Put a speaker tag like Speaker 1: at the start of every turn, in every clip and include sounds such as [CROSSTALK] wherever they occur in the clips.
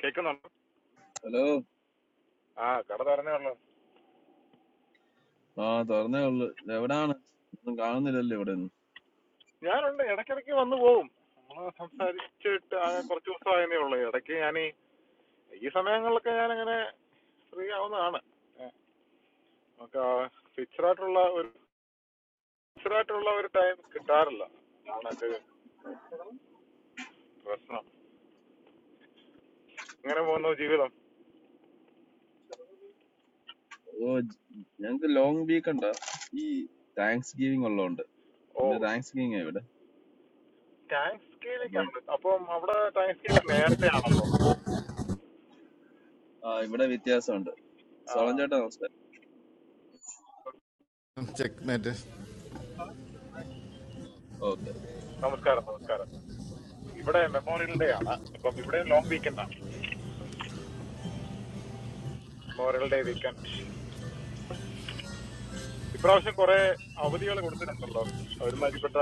Speaker 1: കേൾക്കുന്നുണ്ടോ
Speaker 2: ഹലോ
Speaker 1: ആ കട തുറന്നേ ഉള്ളൂ
Speaker 2: ആ തുറന്നേ ഉള്ളു എവിടാണ് ഒന്നും കാണുന്നില്ലല്ലോ ഇവിടെ ഒന്നും.
Speaker 1: ഞാനുണ്ട് ഇടയ്ക്കിടയ്ക്ക് വന്നു പോവും നമ്മൾ സംസാരിച്ചിട്ട് ആ കുറച്ച് ദിവസമായതേ ഉള്ളൂ ഇടയ്ക്ക് ഞാൻ ഈ സമയങ്ങളിലൊക്കെ ഞാൻ അങ്ങനെ ഫ്രീ ആവുന്നതാണ് നമുക്ക് ഫിക്സഡ് ആയിട്ടുള്ള ഒരു ഫിക്സഡ് ആയിട്ടുള്ള ഒരു ടൈം കിട്ടാറില്ല അതാണൊക്കെ പ്രശ്നം ഇങ്ങനെ പോകുന്നു ജീവിതം
Speaker 2: ഓ ജ്- ഞങ്ങക്ക് ലോങ് വീക്ക് ഉണ്ടോ ഈ താങ്ക്സ് ഗിവിംഗ് ഉള്ളതുകൊണ്ട്
Speaker 1: ഓ
Speaker 2: ഇന്ന് താങ്ക്സ് ഗിവിംഗ് ഇവിടെ
Speaker 1: താങ്ക്സ് ഗിവിംഗ്
Speaker 2: അപ്പം
Speaker 1: ആണ് അപ്പം അവിടെ താങ്ക്സ് ഗിവിംഗ് നേരത്തെ ആണല്ലോ
Speaker 2: ആ ഇവിടെ വ്യത്യാസമുണ്ട്
Speaker 1: ആ
Speaker 2: സോളം ചേട്ടാ നമസ്കാരം
Speaker 3: ചെക്ക് മേറ്റ്
Speaker 2: ഓക്കെ
Speaker 1: നമസ്കാരം നമസ്കാരം ഇവിടെ മെമ്മോറിയൽ ഡേ ആണ് അപ്പം ഇവിടെ ലോങ് വീക്കെൻഡ് ആണ് മെമ്മോറിയൽ ഡേ വീക്കെൻഡ് ഇപ്രാവശ്യം കുറെ അവധികൾ കൊടുത്തിട്ടുണ്ടല്ലോ ഒരുമാതിരിപ്പെട്ട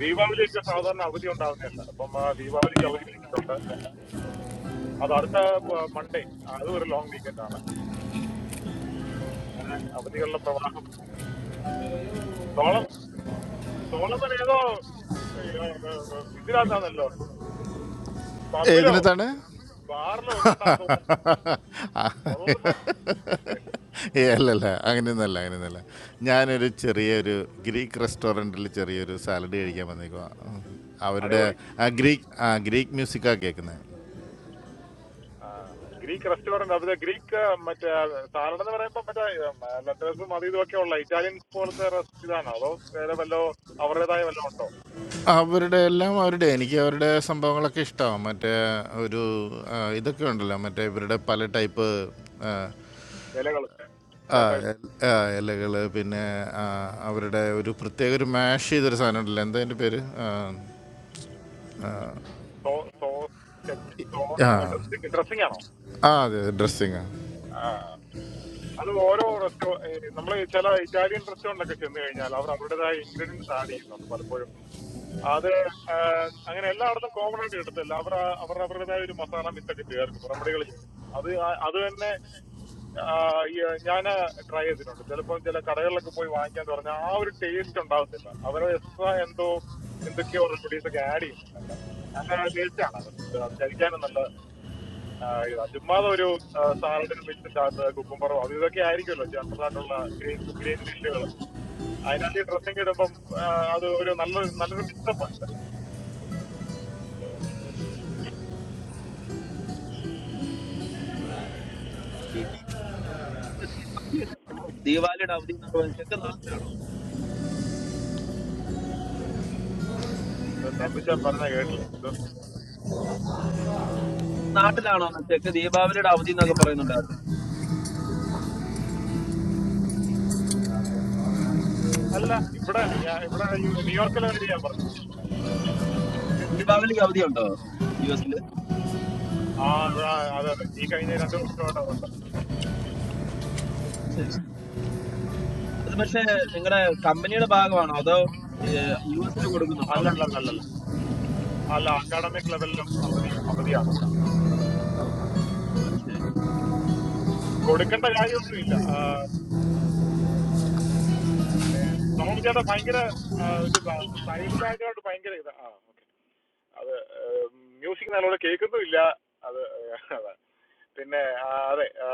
Speaker 1: ദീപാവലിയൊക്കെ സാധാരണ അവധി ഉണ്ടാകുന്നതല്ല അപ്പം ആ ദീപാവലിക്ക് അവധി കൊടുത്തിട്ടുണ്ട് അത് അടുത്ത മൺഡേ അതും ഒരു ലോങ് വീക്കെൻഡ് ആണ് അങ്ങനെ അവധികളുടെ പ്രവാഹം സോളം സോളമൻ ഏതോ ഏ, ഏ, ഇതിനകത്താണല്ലോ പബ്ബിലോ
Speaker 3: ഏതിനകത്താണ്
Speaker 1: ബാറിലോ എങ്ങാണ്ടാന്ന് തോന്നുന്നുണ്ട് സോളമൻ പറഞ്ഞു
Speaker 3: ഏ അല്ലല്ല അങ്ങനെയൊന്നല്ല അങ്ങനെയൊന്നല്ല ഞാനൊരു ചെറിയൊരു ഗ്രീക്ക് റെസ്റ്റോറൻറ്റിൽ ചെറിയൊരു സാലഡ് കഴിക്കാൻ വന്നേക്കുക അവരുടെ
Speaker 1: അടിപൊളി
Speaker 3: ആ ഗ്രീക്ക് ആ ഗ്രീക്ക് മ്യൂസിക്കാണ് കേൾക്കുന്നത്
Speaker 1: ആ, ഗ്രീക്ക് റെസ്റ്റോറന്റ് അത് ഗ്രീക്ക് മറ്റേ സാലഡ് എന്ന് പറയുമ്പോൾ മറ്റേ ലെറ്റേഴ്സും അതും ഇതുമൊക്കെ ഉള്ള ഇറ്റാലിയൻ പോലത്തെ റെസ്- ഇതാണോ അതോ വേറെ വല്ലോ അവരുടേതായ വല്ലതും ഉണ്ടോ
Speaker 3: അവരുടെ എല്ലാം അവരുടെ എനിക്ക് അവരുടെ സംഭവങ്ങളൊക്കെ ഇഷ്ടമാണ് മറ്റേ ഒരു ആ, ഇതൊക്കെ ഉണ്ടല്ലോ മറ്റേ ഇവരുടെ പല ടൈപ്പ്
Speaker 1: ഇലകൾ
Speaker 3: ആ
Speaker 1: ലെറ്റേഴ്സ്
Speaker 3: എൽ- ആ, ഇലകള് പിന്നെ ആ, അവരുടെ ഒരു പ്രത്യേക ഒരു മാഷ് ചെയ്തൊരു സാധനം ഉണ്ടല്ലോ എന്താ അതിൻ്റെ പേര് ആ
Speaker 1: സോ സോസ്
Speaker 3: ആ
Speaker 1: ഡ്രസ്സിംഗ് ഡ്രസ്സിംഗ് ആണോ
Speaker 3: ആ, അതെ ഡ്രസ്സിങ്
Speaker 1: ആ. അത് ഓരോ റെസ്റ്റോ നമ്മൾ ചില ഇറ്റാലിയൻ റെസ്റ്റോറൻറ്റിലൊക്കെ ചെന്ന് കഴിഞ്ഞാൽ അവർ അവരുടേതായ ഇൻഗ്രീഡിയൻസ് ആഡ് ചെയ്യുന്നുണ്ട് പലപ്പോഴും അത് ആ, അങ്ങനെ എല്ലായിടത്തും കോമൺ ആയിട്ട് കിട്ടത്തില്ല അവർ അവർ അവരുടേതായ ഒരു മസാല മിത്തൊക്കെ ചേർക്കും റെമഡികൾ ചേർക്കും. അത് ആ- അത് തന്നെ ആ, ഈ ഞാൻ ട്രൈ ചെയ്തിട്ടുണ്ട് ചിലപ്പോൾ ചില കടകളിലൊക്കെ പോയി വാങ്ങിക്കാൻ പറഞ്ഞാൽ ആ ഒരു ടേസ്റ്റ് ഉണ്ടാവത്തില്ല അവർ എക്സ്ട്രാ എന്തോ എന്തൊക്കെയോ റെമഡീസ് ഒക്കെ ആഡ് ചെയ്യുന്നുണ്ട് നല്ല ടേസ്റ്റ് ആണ് അത് food. അത് കഴിക്കാനും നല്ല ആ, ഇതാ ചുമ്മാതെ ഒരു സാലഡിനും മിക്സിൻ്റെ അകത്ത് കുക്കുംബറോ അത് ഇതൊക്കെ ആയിരിക്കുമല്ലോ ജനറൽ ആയിട്ടുള്ള ഗ്രീൻ ഗ്രീൻ ഡിഷുകൾ അതിനകത്ത് ഈ ഡ്രസ്സിംഗ് ഇടുമ്പം ആ, അത് ഒരു നല്ലൊരു നല്ലൊരു മിക്സപ്പ് ഉണ്ടല്ലേ
Speaker 2: ദീപാവലിയുടെ അവധി എന്നൊക്കെ പറയുന്നത് ചെക്ക് നാട്ടിലാണോ
Speaker 1: ഇത്
Speaker 2: ഏ?
Speaker 1: തമ്പിച്ചാൻ പറഞ്ഞ കേട്ടില്ല ഇത്
Speaker 2: നാട്ടിലാണോ ചെക്ക് ദീപാവലിയുടെ അവധി എന്നൊക്കെ പറയുന്നുണ്ടായിരുന്നു
Speaker 1: അല്ല ഇവിടെ ഞാൻ ഇവിടെ ഈ ന്യൂയോർക്കിലെ കാര്യം ഞാൻ പറഞ്ഞത്
Speaker 2: ഏ, ദീപാവലിക്ക് അവധി ഉണ്ടോ യു എസില്
Speaker 1: ആ ഇവിടെ അതെ അതെ ഈ കഴിഞ്ഞ രണ്ട് വർഷമായിട്ട്
Speaker 2: ശരി അത് പക്ഷേ നിങ്ങളുടെ കമ്പനിയുടെ ഭാഗമാണോ അതോ യു എസിൽ കൊടുക്കുന്നുണ്ടോ അവധി
Speaker 1: അല്ലല്ലല്ലല്ല അല്ല അക്കാഡമിക് ലെവലിലും അവധി അവധിയാണ്
Speaker 2: ഓ, അത്
Speaker 1: കൊടുക്കേണ്ട കാര്യമൊന്നുമില്ല ആ, സോമൻ ചേട്ടാ ഭയങ്കര ആ, ഇത് സൈഡ് ബാക്ക്ഗ്രൗണ്ട് ഭയങ്കര ഇത് ആ ഓക്കെ അത് മ്യൂസിക് നല്ലോണം കേൾക്കുന്നുമില്ല അത് അതെ പിന്നെ ആ, അതെ ആ,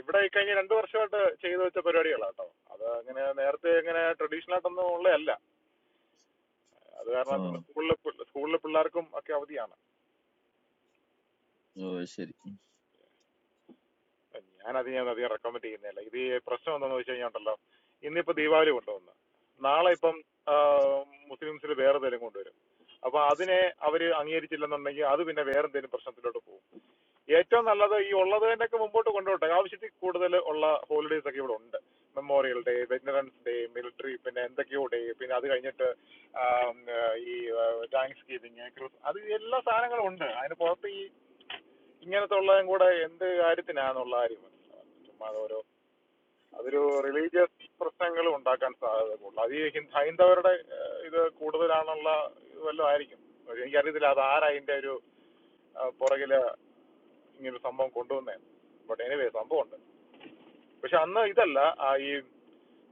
Speaker 1: ഇവിടെ ഈ കഴിഞ്ഞ രണ്ട് വർഷമായിട്ട് ചെയ്തു വെച്ച പരിപാടികളാണ് കേട്ടോ അത് അങ്ങനെ നേരത്തെ ഇങ്ങനെ ട്രഡീഷണൽ ആയിട്ടൊന്നും ഉള്ളതല്ല അത്
Speaker 2: ശരി
Speaker 1: കാരണം സ്കൂളിലെ സ്കൂളിലെ പിള്ളേർക്കും ഒക്കെ അവധിയാണ്
Speaker 2: ഓ ശരി
Speaker 1: ഞാനത് ഞാൻ അധികം റെക്കമെൻഡ് ചെയ്യുന്നില്ല ഇത് ഈ പ്രശ്നം എന്താണെന്ന് വെച്ച് കഴിഞ്ഞാൽ ഉണ്ടല്ലോ ഇന്നിപ്പോൾ ദീപാവലി കൊണ്ടുവന്ന് നാളെ ഇപ്പം മുസ്ലിംസിൽ വേറെ എന്തെങ്കിലും കൊണ്ടുവരും അപ്പോൾ അതിനെ അവർ അംഗീകരിച്ചില്ലെന്നുണ്ടെങ്കിൽ അത് പിന്നെ വേറെ എന്തെങ്കിലും പ്രശ്നത്തിലോട്ട് പോകും ഏറ്റവും നല്ലത് ഈ ഉള്ളതിൻ്റെയൊക്കെ മുമ്പോട്ട് കൊണ്ടുപോട്ടെ ആവശ്യത്തിൽ കൂടുതൽ ഉള്ള ഹോളിഡേയ്സ് ഒക്കെ ഇവിടെ ഉണ്ട് Memorial Day Veterans Day military പിന്നെ എന്തൊക്കെയോ ഡേ പിന്നെ അത് കഴിഞ്ഞിട്ട് ആം, ഏഹ് ഈ താങ്ക്സ് ഗിവിങ് ക്രിസ് അത് എല്ലാ സാധനങ്ങളും ഉണ്ട് അതിന് പുറത്ത് ഈ ഇങ്ങനത്തെ ഉള്ളതും കൂടെ എന്ത് കാര്യത്തിനാന്നുള്ള കാര്യം മനസ്സിലാവുന്നില്ല ചുമ്മാ ഓരോ അതൊരു റിലീജിയസ് പ്രശ്നങ്ങൾ ഉണ്ടാക്കാൻ സാധ്യത കൂടുതൽ അത് ഈ ഹിന്ദ- ഹൈന്ദവരുടെ ഏഹ്, ഇത് കൂടുതലാണുള്ള ഇത് വല്ലതും ആയിരിക്കും ഒരു എനിക്കറിയത്തില്ല അത് ആരാ അതിൻ്റെ ഒരു പുറകിൽ ഇങ്ങനൊരു സംഭവം കൊണ്ടുവന്നേ ബട്ട് എനിവേ സംഭവമുണ്ട് പക്ഷെ അന്ന് ഇതല്ല ആ ഈ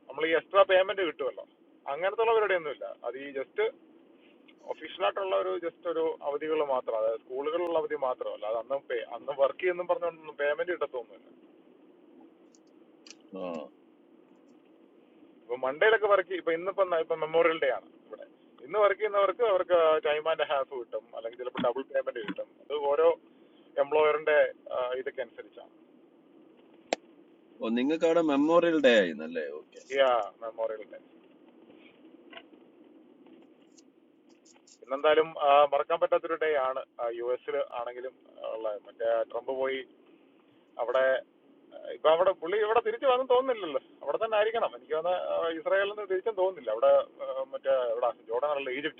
Speaker 1: നമ്മൾ ഈ എക്സ്ട്രാ പേയ്മെന്റ് കിട്ടുമല്ലോ അങ്ങനത്തെ ഉള്ളവരുടെ ഒന്നുമില്ല അത് ഈ ജസ്റ്റ് ഒഫീഷ്യലായിട്ടുള്ള ഒരു ജസ്റ്റ് ഒരു അവധികൾ മാത്രം അതായത് സ്കൂളുകളിലുള്ള അവധി മാത്രമല്ല അത് അന്ന് പേ അന്ന് വർക്ക് ചെയ്യുന്നു പറഞ്ഞുകൊണ്ടൊന്നും പേയ്മെന്റ് കിട്ടത്തൊന്നുമില്ല
Speaker 2: ആ
Speaker 1: ഇപ്പൊ മൺഡേയിലൊക്കെ വർക്ക് ഇപ്പൊ ഇന്നിപ്പം ന- ഇപ്പം മെമ്മോറിയൽ ഡേ ആണ് ഇവിടെ ഇന്ന് വർക്ക് ചെയ്യുന്നവർക്ക് അവർക്ക് ടൈം ആൻഡ് ഹാഫ് കിട്ടും അല്ലെങ്കിൽ ചിലപ്പോൾ ഡബിൾ പേയ്മെന്റ് കിട്ടും അത് ഓരോ എംപ്ലോയറിന്റെ ഇതൊക്കെ അനുസരിച്ചാണ്
Speaker 2: ഓ നിങ്ങൾക്ക് അവിടെ മെമ്മോറിയൽ ഡേ ആയിരുന്നല്ലേ
Speaker 1: ഈ മെമ്മോറിയൽ ഡേ ഇന്നെന്തായാലും ആ, മറക്കാൻ പറ്റാത്തൊരു ഡേ ആണ് യു എസിൽ ആണെങ്കിലും ഉള്ള മറ്റേ ട്രംപ് പോയി അവിടെ ആ, ഇപ്പൊ അവിടെ പുള്ളി ഇവിടെ തിരിച്ചു വന്നു തോന്നുന്നില്ലല്ലോ അവിടെ തന്നെ ആയിരിക്കണം എനിക്ക് തോന്നുന്ന ഇസ്രായേലിൽ നിന്ന് തിരിച്ചും തോന്നുന്നില്ല അവിടെ ആ, മറ്റേ എവിടെ ജോർഡൻ അല്ല ഈജിപ്റ്റ്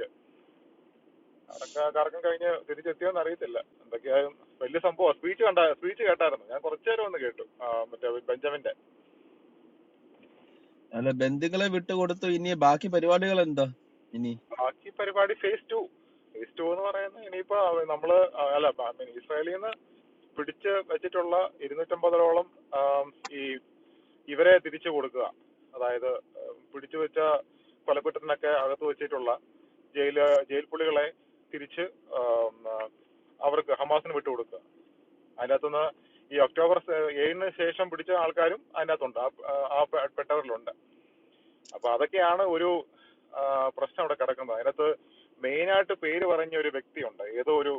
Speaker 1: അടക്ക കറക്കം കഴിഞ്ഞ് തിരിച്ചെത്തിയോന്ന് അറിയത്തില്ല എന്തൊക്കെയായാലും വലിയ സംഭവമാണ് സ്പീച്ച് കണ്ട സ്പീച്ച് കേട്ടായിരുന്നു ഞാൻ കുറച്ചു നേരം ഒന്ന് കേട്ടു ആ, മറ്റേ ബെഞ്ചമിന്റെ
Speaker 2: അല്ല ബന്ധുക്കളെ വിട്ടുകൊടുത്തു ഇനി ബാക്കി പരിപാടികൾ എന്താ ഇനി
Speaker 1: ബാക്കി പരിപാടി ഫേസ് ടു ഫേസ് ടു എന്ന് പറയുന്നത് ഇനിയിപ്പോ നമ്മള് ആ, അല്ല I mean, ഇസ്രായേലിൽ നിന്ന് പിടിച്ച് വെച്ചിട്ടുള്ള ഇരുന്നൂറ്റമ്പതോളം ആം, ഈ ഇവരെ തിരിച്ചു കൊടുക്കുക അതായത് ഉം, പിടിച്ചു വെച്ച കൊലക്കുറ്റത്തിനൊക്കെ അകത്ത് വെച്ചിട്ടുള്ള ജയിൽ ജയിൽ പുള്ളികളെ തിരിച്ച് ആം, ആ, അവർക്ക് ഹമാസിന് വിട്ടുകൊടുക്കുക അതിനകത്തുനിന്ന് ഈ ഒക്ടോബർ സെ- ഏഴിന് ശേഷം പിടിച്ച ആൾക്കാരും അതിനകത്തുണ്ട് ആ ആ പെ- പെട്ടവരിലുണ്ട് അപ്പൊ അതൊക്കെയാണ് ഒരു ആ, പ്രശ്നം അവിടെ കിടക്കുന്നത് അതിനകത്ത് മെയിനായിട്ട് പേര് പറഞ്ഞ ഒരു വ്യക്തിയുണ്ട് ഏതോ ഒരു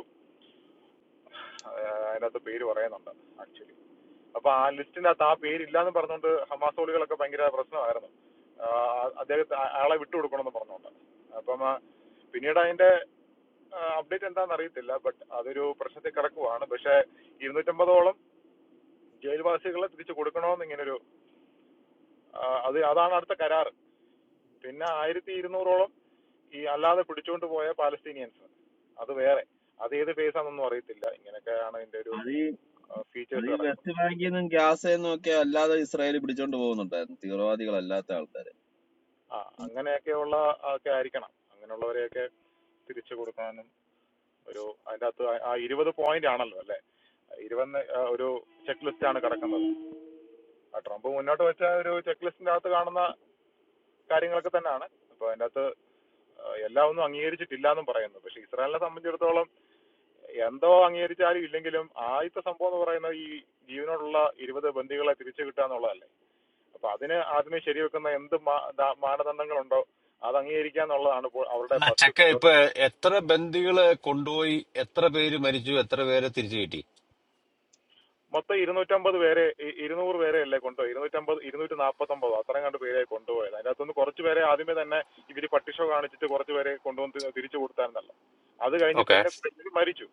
Speaker 1: ആ, അതിനകത്ത് പേര് പറയുന്നുണ്ട് ആക്ച്വലി അപ്പൊ ആ ലിസ്റ്റിന്റെ അകത്ത് ആ പേരില്ലാന്ന് പറഞ്ഞുകൊണ്ട് ഹമാസോളികളൊക്കെ ഭയങ്കര പ്രശ്നമായിരുന്നു ആ, അദ്ദേഹത്തെ ആ- ആളെ വിട്ടുകൊടുക്കണമെന്ന് പറഞ്ഞുകൊണ്ട് അപ്പം ആ, പിന്നീട് അതിന്റെ അപ്ഡേറ്റ് എന്താണെന്ന് അറിയത്തില്ല ബട്ട് അതൊരു പ്രശ്നത്തിൽ കിടക്കുവാണ് പക്ഷെ ഇരുന്നൂറ്റമ്പതോളം ജയിൽവാസികളെ തിരിച്ചു കൊടുക്കണമെന്ന് ഇങ്ങനൊരു ആ, അത് അതാണ് അടുത്ത കരാർ പിന്നെ ആയിരത്തി ഇരുന്നൂറോളം ഈ അല്ലാതെ പിടിച്ചുകൊണ്ട് പോയ പാലസ്തീനിയൻസ് അത് വേറെ അത് ഏത് phase ആണെന്നൊന്നും അറിയത്തില്ല ഇങ്ങനെയൊക്കെയാണ് ഇതിന്റെ ഒരു
Speaker 2: അത് ഈ അത്
Speaker 1: ഫീച്ചേഴ്സ്
Speaker 2: ഈ
Speaker 1: കിടക്കുന്നത്
Speaker 2: വെസ്റ്റ് ബാങ്കിൽ നിന്നും ഗ്യാസ് നിന്നും ഒക്കെ അല്ലാതെ ഇസ്രായേൽ പിടിച്ചോണ്ട് പോകുന്നുണ്ടായിരുന്നു തീവ്രവാദികളല്ലാത്ത ആൾക്കാരെ
Speaker 1: ആ അങ്ങനെയൊക്കെയുള്ള ഒക്കെ ആയിരിക്കണം അങ്ങനെയുള്ളവരെയൊക്കെ തിരിച്ചു കൊടുക്കാനും ഒരു അതിൻ്റെ അകത്ത് ആ- ആ ഇരുപത് പോയിന്റ് ആണല്ലോ അല്ലേ ഇരുപത് ഒരു ചെക്ക് ലിസ്റ്റ് ആണ് കിടക്കുന്നത് ആ ട്രംപ് മുന്നോട്ട് വെച്ച ഒരു ചെക്ക് ലിസ്റ്റിന്റെ അകത്ത് കാണുന്ന കാര്യങ്ങളൊക്കെ തന്നെയാണ് അപ്പൊ അതിൻ്റെ അകത്ത് എല്ലാം ഒന്നും അംഗീകരിച്ചിട്ടില്ല എന്നും പറയുന്നു പക്ഷെ ഇസ്രായേലിനെ സംബന്ധിച്ചിടത്തോളം എന്തോ അംഗീകരിച്ചാലും ഇല്ലെങ്കിലും ആദ്യത്തെ സംഭവം എന്ന് പറയുന്നത് ഈ ജീവനോടുള്ള ഇരുപത് ബന്ദികളെ തിരിച്ചു കിട്ടുക എന്നുള്ളതല്ലേ അപ്പൊ അതിന് ആദ്യമേ ശരിവെക്കുന്ന എന്ത് മാ- ദാ- മാനദണ്ഡങ്ങളുണ്ടോ അത് അംഗീകരിക്കുക എന്നുള്ളതാണ് ഇപ്പോൾ അവരുടെ
Speaker 4: അല്ല ചക്ക
Speaker 1: ഫസ്റ്റ്
Speaker 4: ഇപ്പൊ എത്ര ബന്ദികള് കൊണ്ടുപോയി എത്ര പേര് മരിച്ചു എത്ര പേരെ തിരിച്ചു കിട്ടി
Speaker 1: മൊത്തം ഇരുന്നൂറ്റമ്പത് പേരെ ഇ- ഇരുന്നൂറ് പേരെ അല്ലേ കൊണ്ടുപോയി ഇരുന്നൂറ്റമ്പത് ഇരുന്നൂറ്റി നാൽപ്പത്തൊമ്പതോ അത്രയും കണ്ട് പേരെ കൊണ്ടുപോയത് അതിനകത്തുനിന്ന് കുറച്ച് പേരെ ആദ്യമേ തന്നെ ഇവർ പട്ടിഷോ കാണിച്ചിട്ട് കുറച്ച് പേരെ കൊണ്ടുവന്ന് തി- തിരിച്ചു കൊടുത്തായിരുന്നല്ലോ അത് കഴിഞ്ഞ്
Speaker 4: ഓക്കെ
Speaker 1: പിന്നെ ഇവര് മരിച്ചു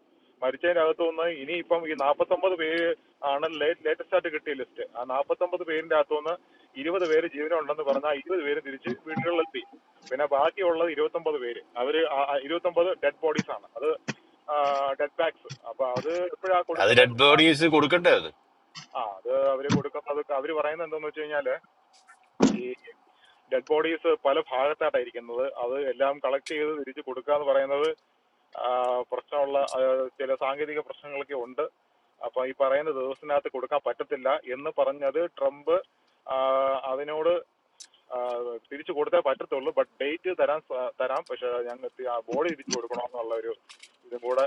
Speaker 1: മരിച്ചതിൻ്റെ അകത്തു നിന്ന് ഇനിയിപ്പം ഈ നാൽപ്പത്തൊമ്പത് പേര് ആണ് ലേറ്റസ്റ്റ് ആയിട്ട് കിട്ടിയ ലിസ്റ്റ് ആ നാൽപ്പത്തൊമ്പത് പേരിൻ്റെ അകത്തു നിന്ന് ഇരുപത് പേര് ജീവനുണ്ടെന്ന് പറഞ്ഞാൽ ഇരുപത് പേര് തിരിച്ച് വീടുകളിലെത്തി പിന്നെ ബാക്കിയുള്ളത് ഇരുപത്തൊമ്പത് പേര് അവർ ഇരുപത്തൊമ്പത് ഡെഡ് ബോഡീസ് ആണ് അത് ഡെഡ് ബാഗ്സ് അപ്പോൾ അത് എപ്പോഴാണ്
Speaker 4: അത്
Speaker 1: കൊടുക്കുന്നത്
Speaker 4: ഡെഡ് ബോഡീസ് കൊടുക്കണ്ടേ അത്
Speaker 1: ആ അത് അവർ കൊടുക്കുന്നത് അവർ പറയുന്നത് എന്താണെന്ന് വെച്ച് കഴിഞ്ഞാൽ ഈ ഡെഡ് ബോഡീസ് പല ഭാഗത്തായിട്ടാണ് ഇരിക്കുന്നത് അത് എല്ലാം കളക്ട് ചെയ്ത് തിരിച്ച് കൊടുക്കുക എന്ന് പറയുന്നത് പ്രശ്നമുള്ള ചില സാങ്കേതിക പ്രശ്നങ്ങളൊക്കെ ഉണ്ട് അപ്പോൾ ഈ പറയുന്ന ദിവസത്തിനകത്ത് കൊടുക്കാൻ പറ്റത്തില്ല എന്ന് പറഞ്ഞത് ട്രംപ് അതിനോട് തിരിച്ചു കൊടുത്തേ പറ്റത്തുള്ളൂ ബട്ട് ഡേറ്റ് തരാൻ സ- തരാം പക്ഷേ ഞങ്ങൾക്ക് ആ ബോഡി തിരിച്ചു കൊടുക്കണമെന്നുള്ള ഒരു ഇതും കൂടെ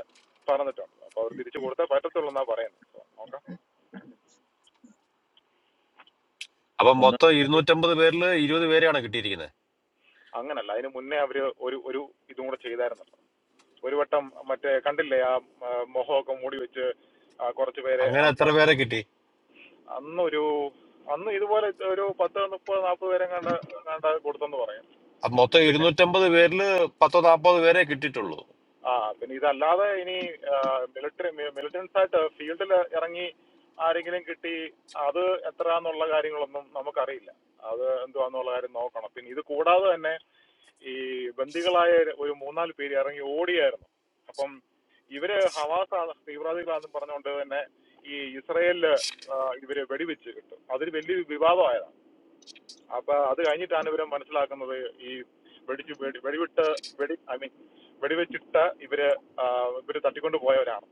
Speaker 1: പറഞ്ഞിട്ടുണ്ട് അപ്പോൾ അവർ തിരിച്ചു കൊടുത്തേ പറ്റത്തുള്ളൂ എന്നാണ് പറയുന്നത് സോ നോക്കാം
Speaker 4: അപ്പൊ
Speaker 2: ഒന്ന്
Speaker 4: മൊത്തം ഇരുന്നൂറ്റമ്പത് പേരില് ഇരുപത് പേരെയാണ് കിട്ടിയിരിക്കുന്നത്
Speaker 1: അങ്ങനല്ല അതിന് മുന്നേ അവർ ഒരു ഒരു ഇതും കൂടെ ചെയ്തായിരുന്നല്ലോ ഒരു വട്ടം മറ്റേ കണ്ടില്ലേ ആ ആ, മുഖമൊക്കെ മൂടി വെച്ച് ആ, കുറച്ച് പേരെ
Speaker 4: അങ്ങനെ എത്ര
Speaker 1: അന്ന്
Speaker 4: പേരെ കിട്ടി
Speaker 1: അന്നൊരു അന്ന് ഇതുപോലെ ഒരു പത്ത് മുപ്പത് നാൽപ്പത് പേരെ കണ്ട കണ്ട കൊടുത്തെന്ന് പറയും
Speaker 4: അപ്പൊ മൊത്തം
Speaker 1: പിന്നെ
Speaker 4: ഇരുന്നൂറ്റമ്പത് പേരില് പത്തോ നാപ്പത് പേരെ കിട്ടിയിട്ടുള്ളൂ
Speaker 1: ആ പിന്നെ ഇതല്ലാതെ ഇനി മിലിറ്ററി മിലിറ്റൻസ് ആയിട്ട് ഫീൽഡിൽ ഇറങ്ങി ആരെങ്കിലും കിട്ടി അത് എത്ര എന്നുള്ള കാര്യങ്ങളൊന്നും നമുക്കറിയില്ല അത് എന്തുവാന്നുള്ള കാര്യം നോക്കണം പിന്നെ ഇത് കൂടാതെ തന്നെ ഈ ബന്ദികളായ ഒരു മൂന്നാല് പേര് ഇറങ്ങി ഓടിയായിരുന്നു അപ്പം ഇവര് ഹവാസാണ് തീവ്രവാദികളാണെന്ന് പറഞ്ഞുകൊണ്ട് തന്നെ ഈ ഇസ്രയേലില് ആ, ഇവര് വെടിവെച്ച് കിട്ടും അതൊരു വലിയ വിവാദമായതാണ് അപ്പൊ അത് കഴിഞ്ഞിട്ടാണ് ഇവര് മനസ്സിലാക്കുന്നത് ഈ വെടിച്ച് വെടി വെടിവിട്ട് വെടി ഐ മീൻ വെടിവെച്ചിട്ട് ഇവര് ആ, ഇവര് തട്ടിക്കൊണ്ട് പോയവരാണ്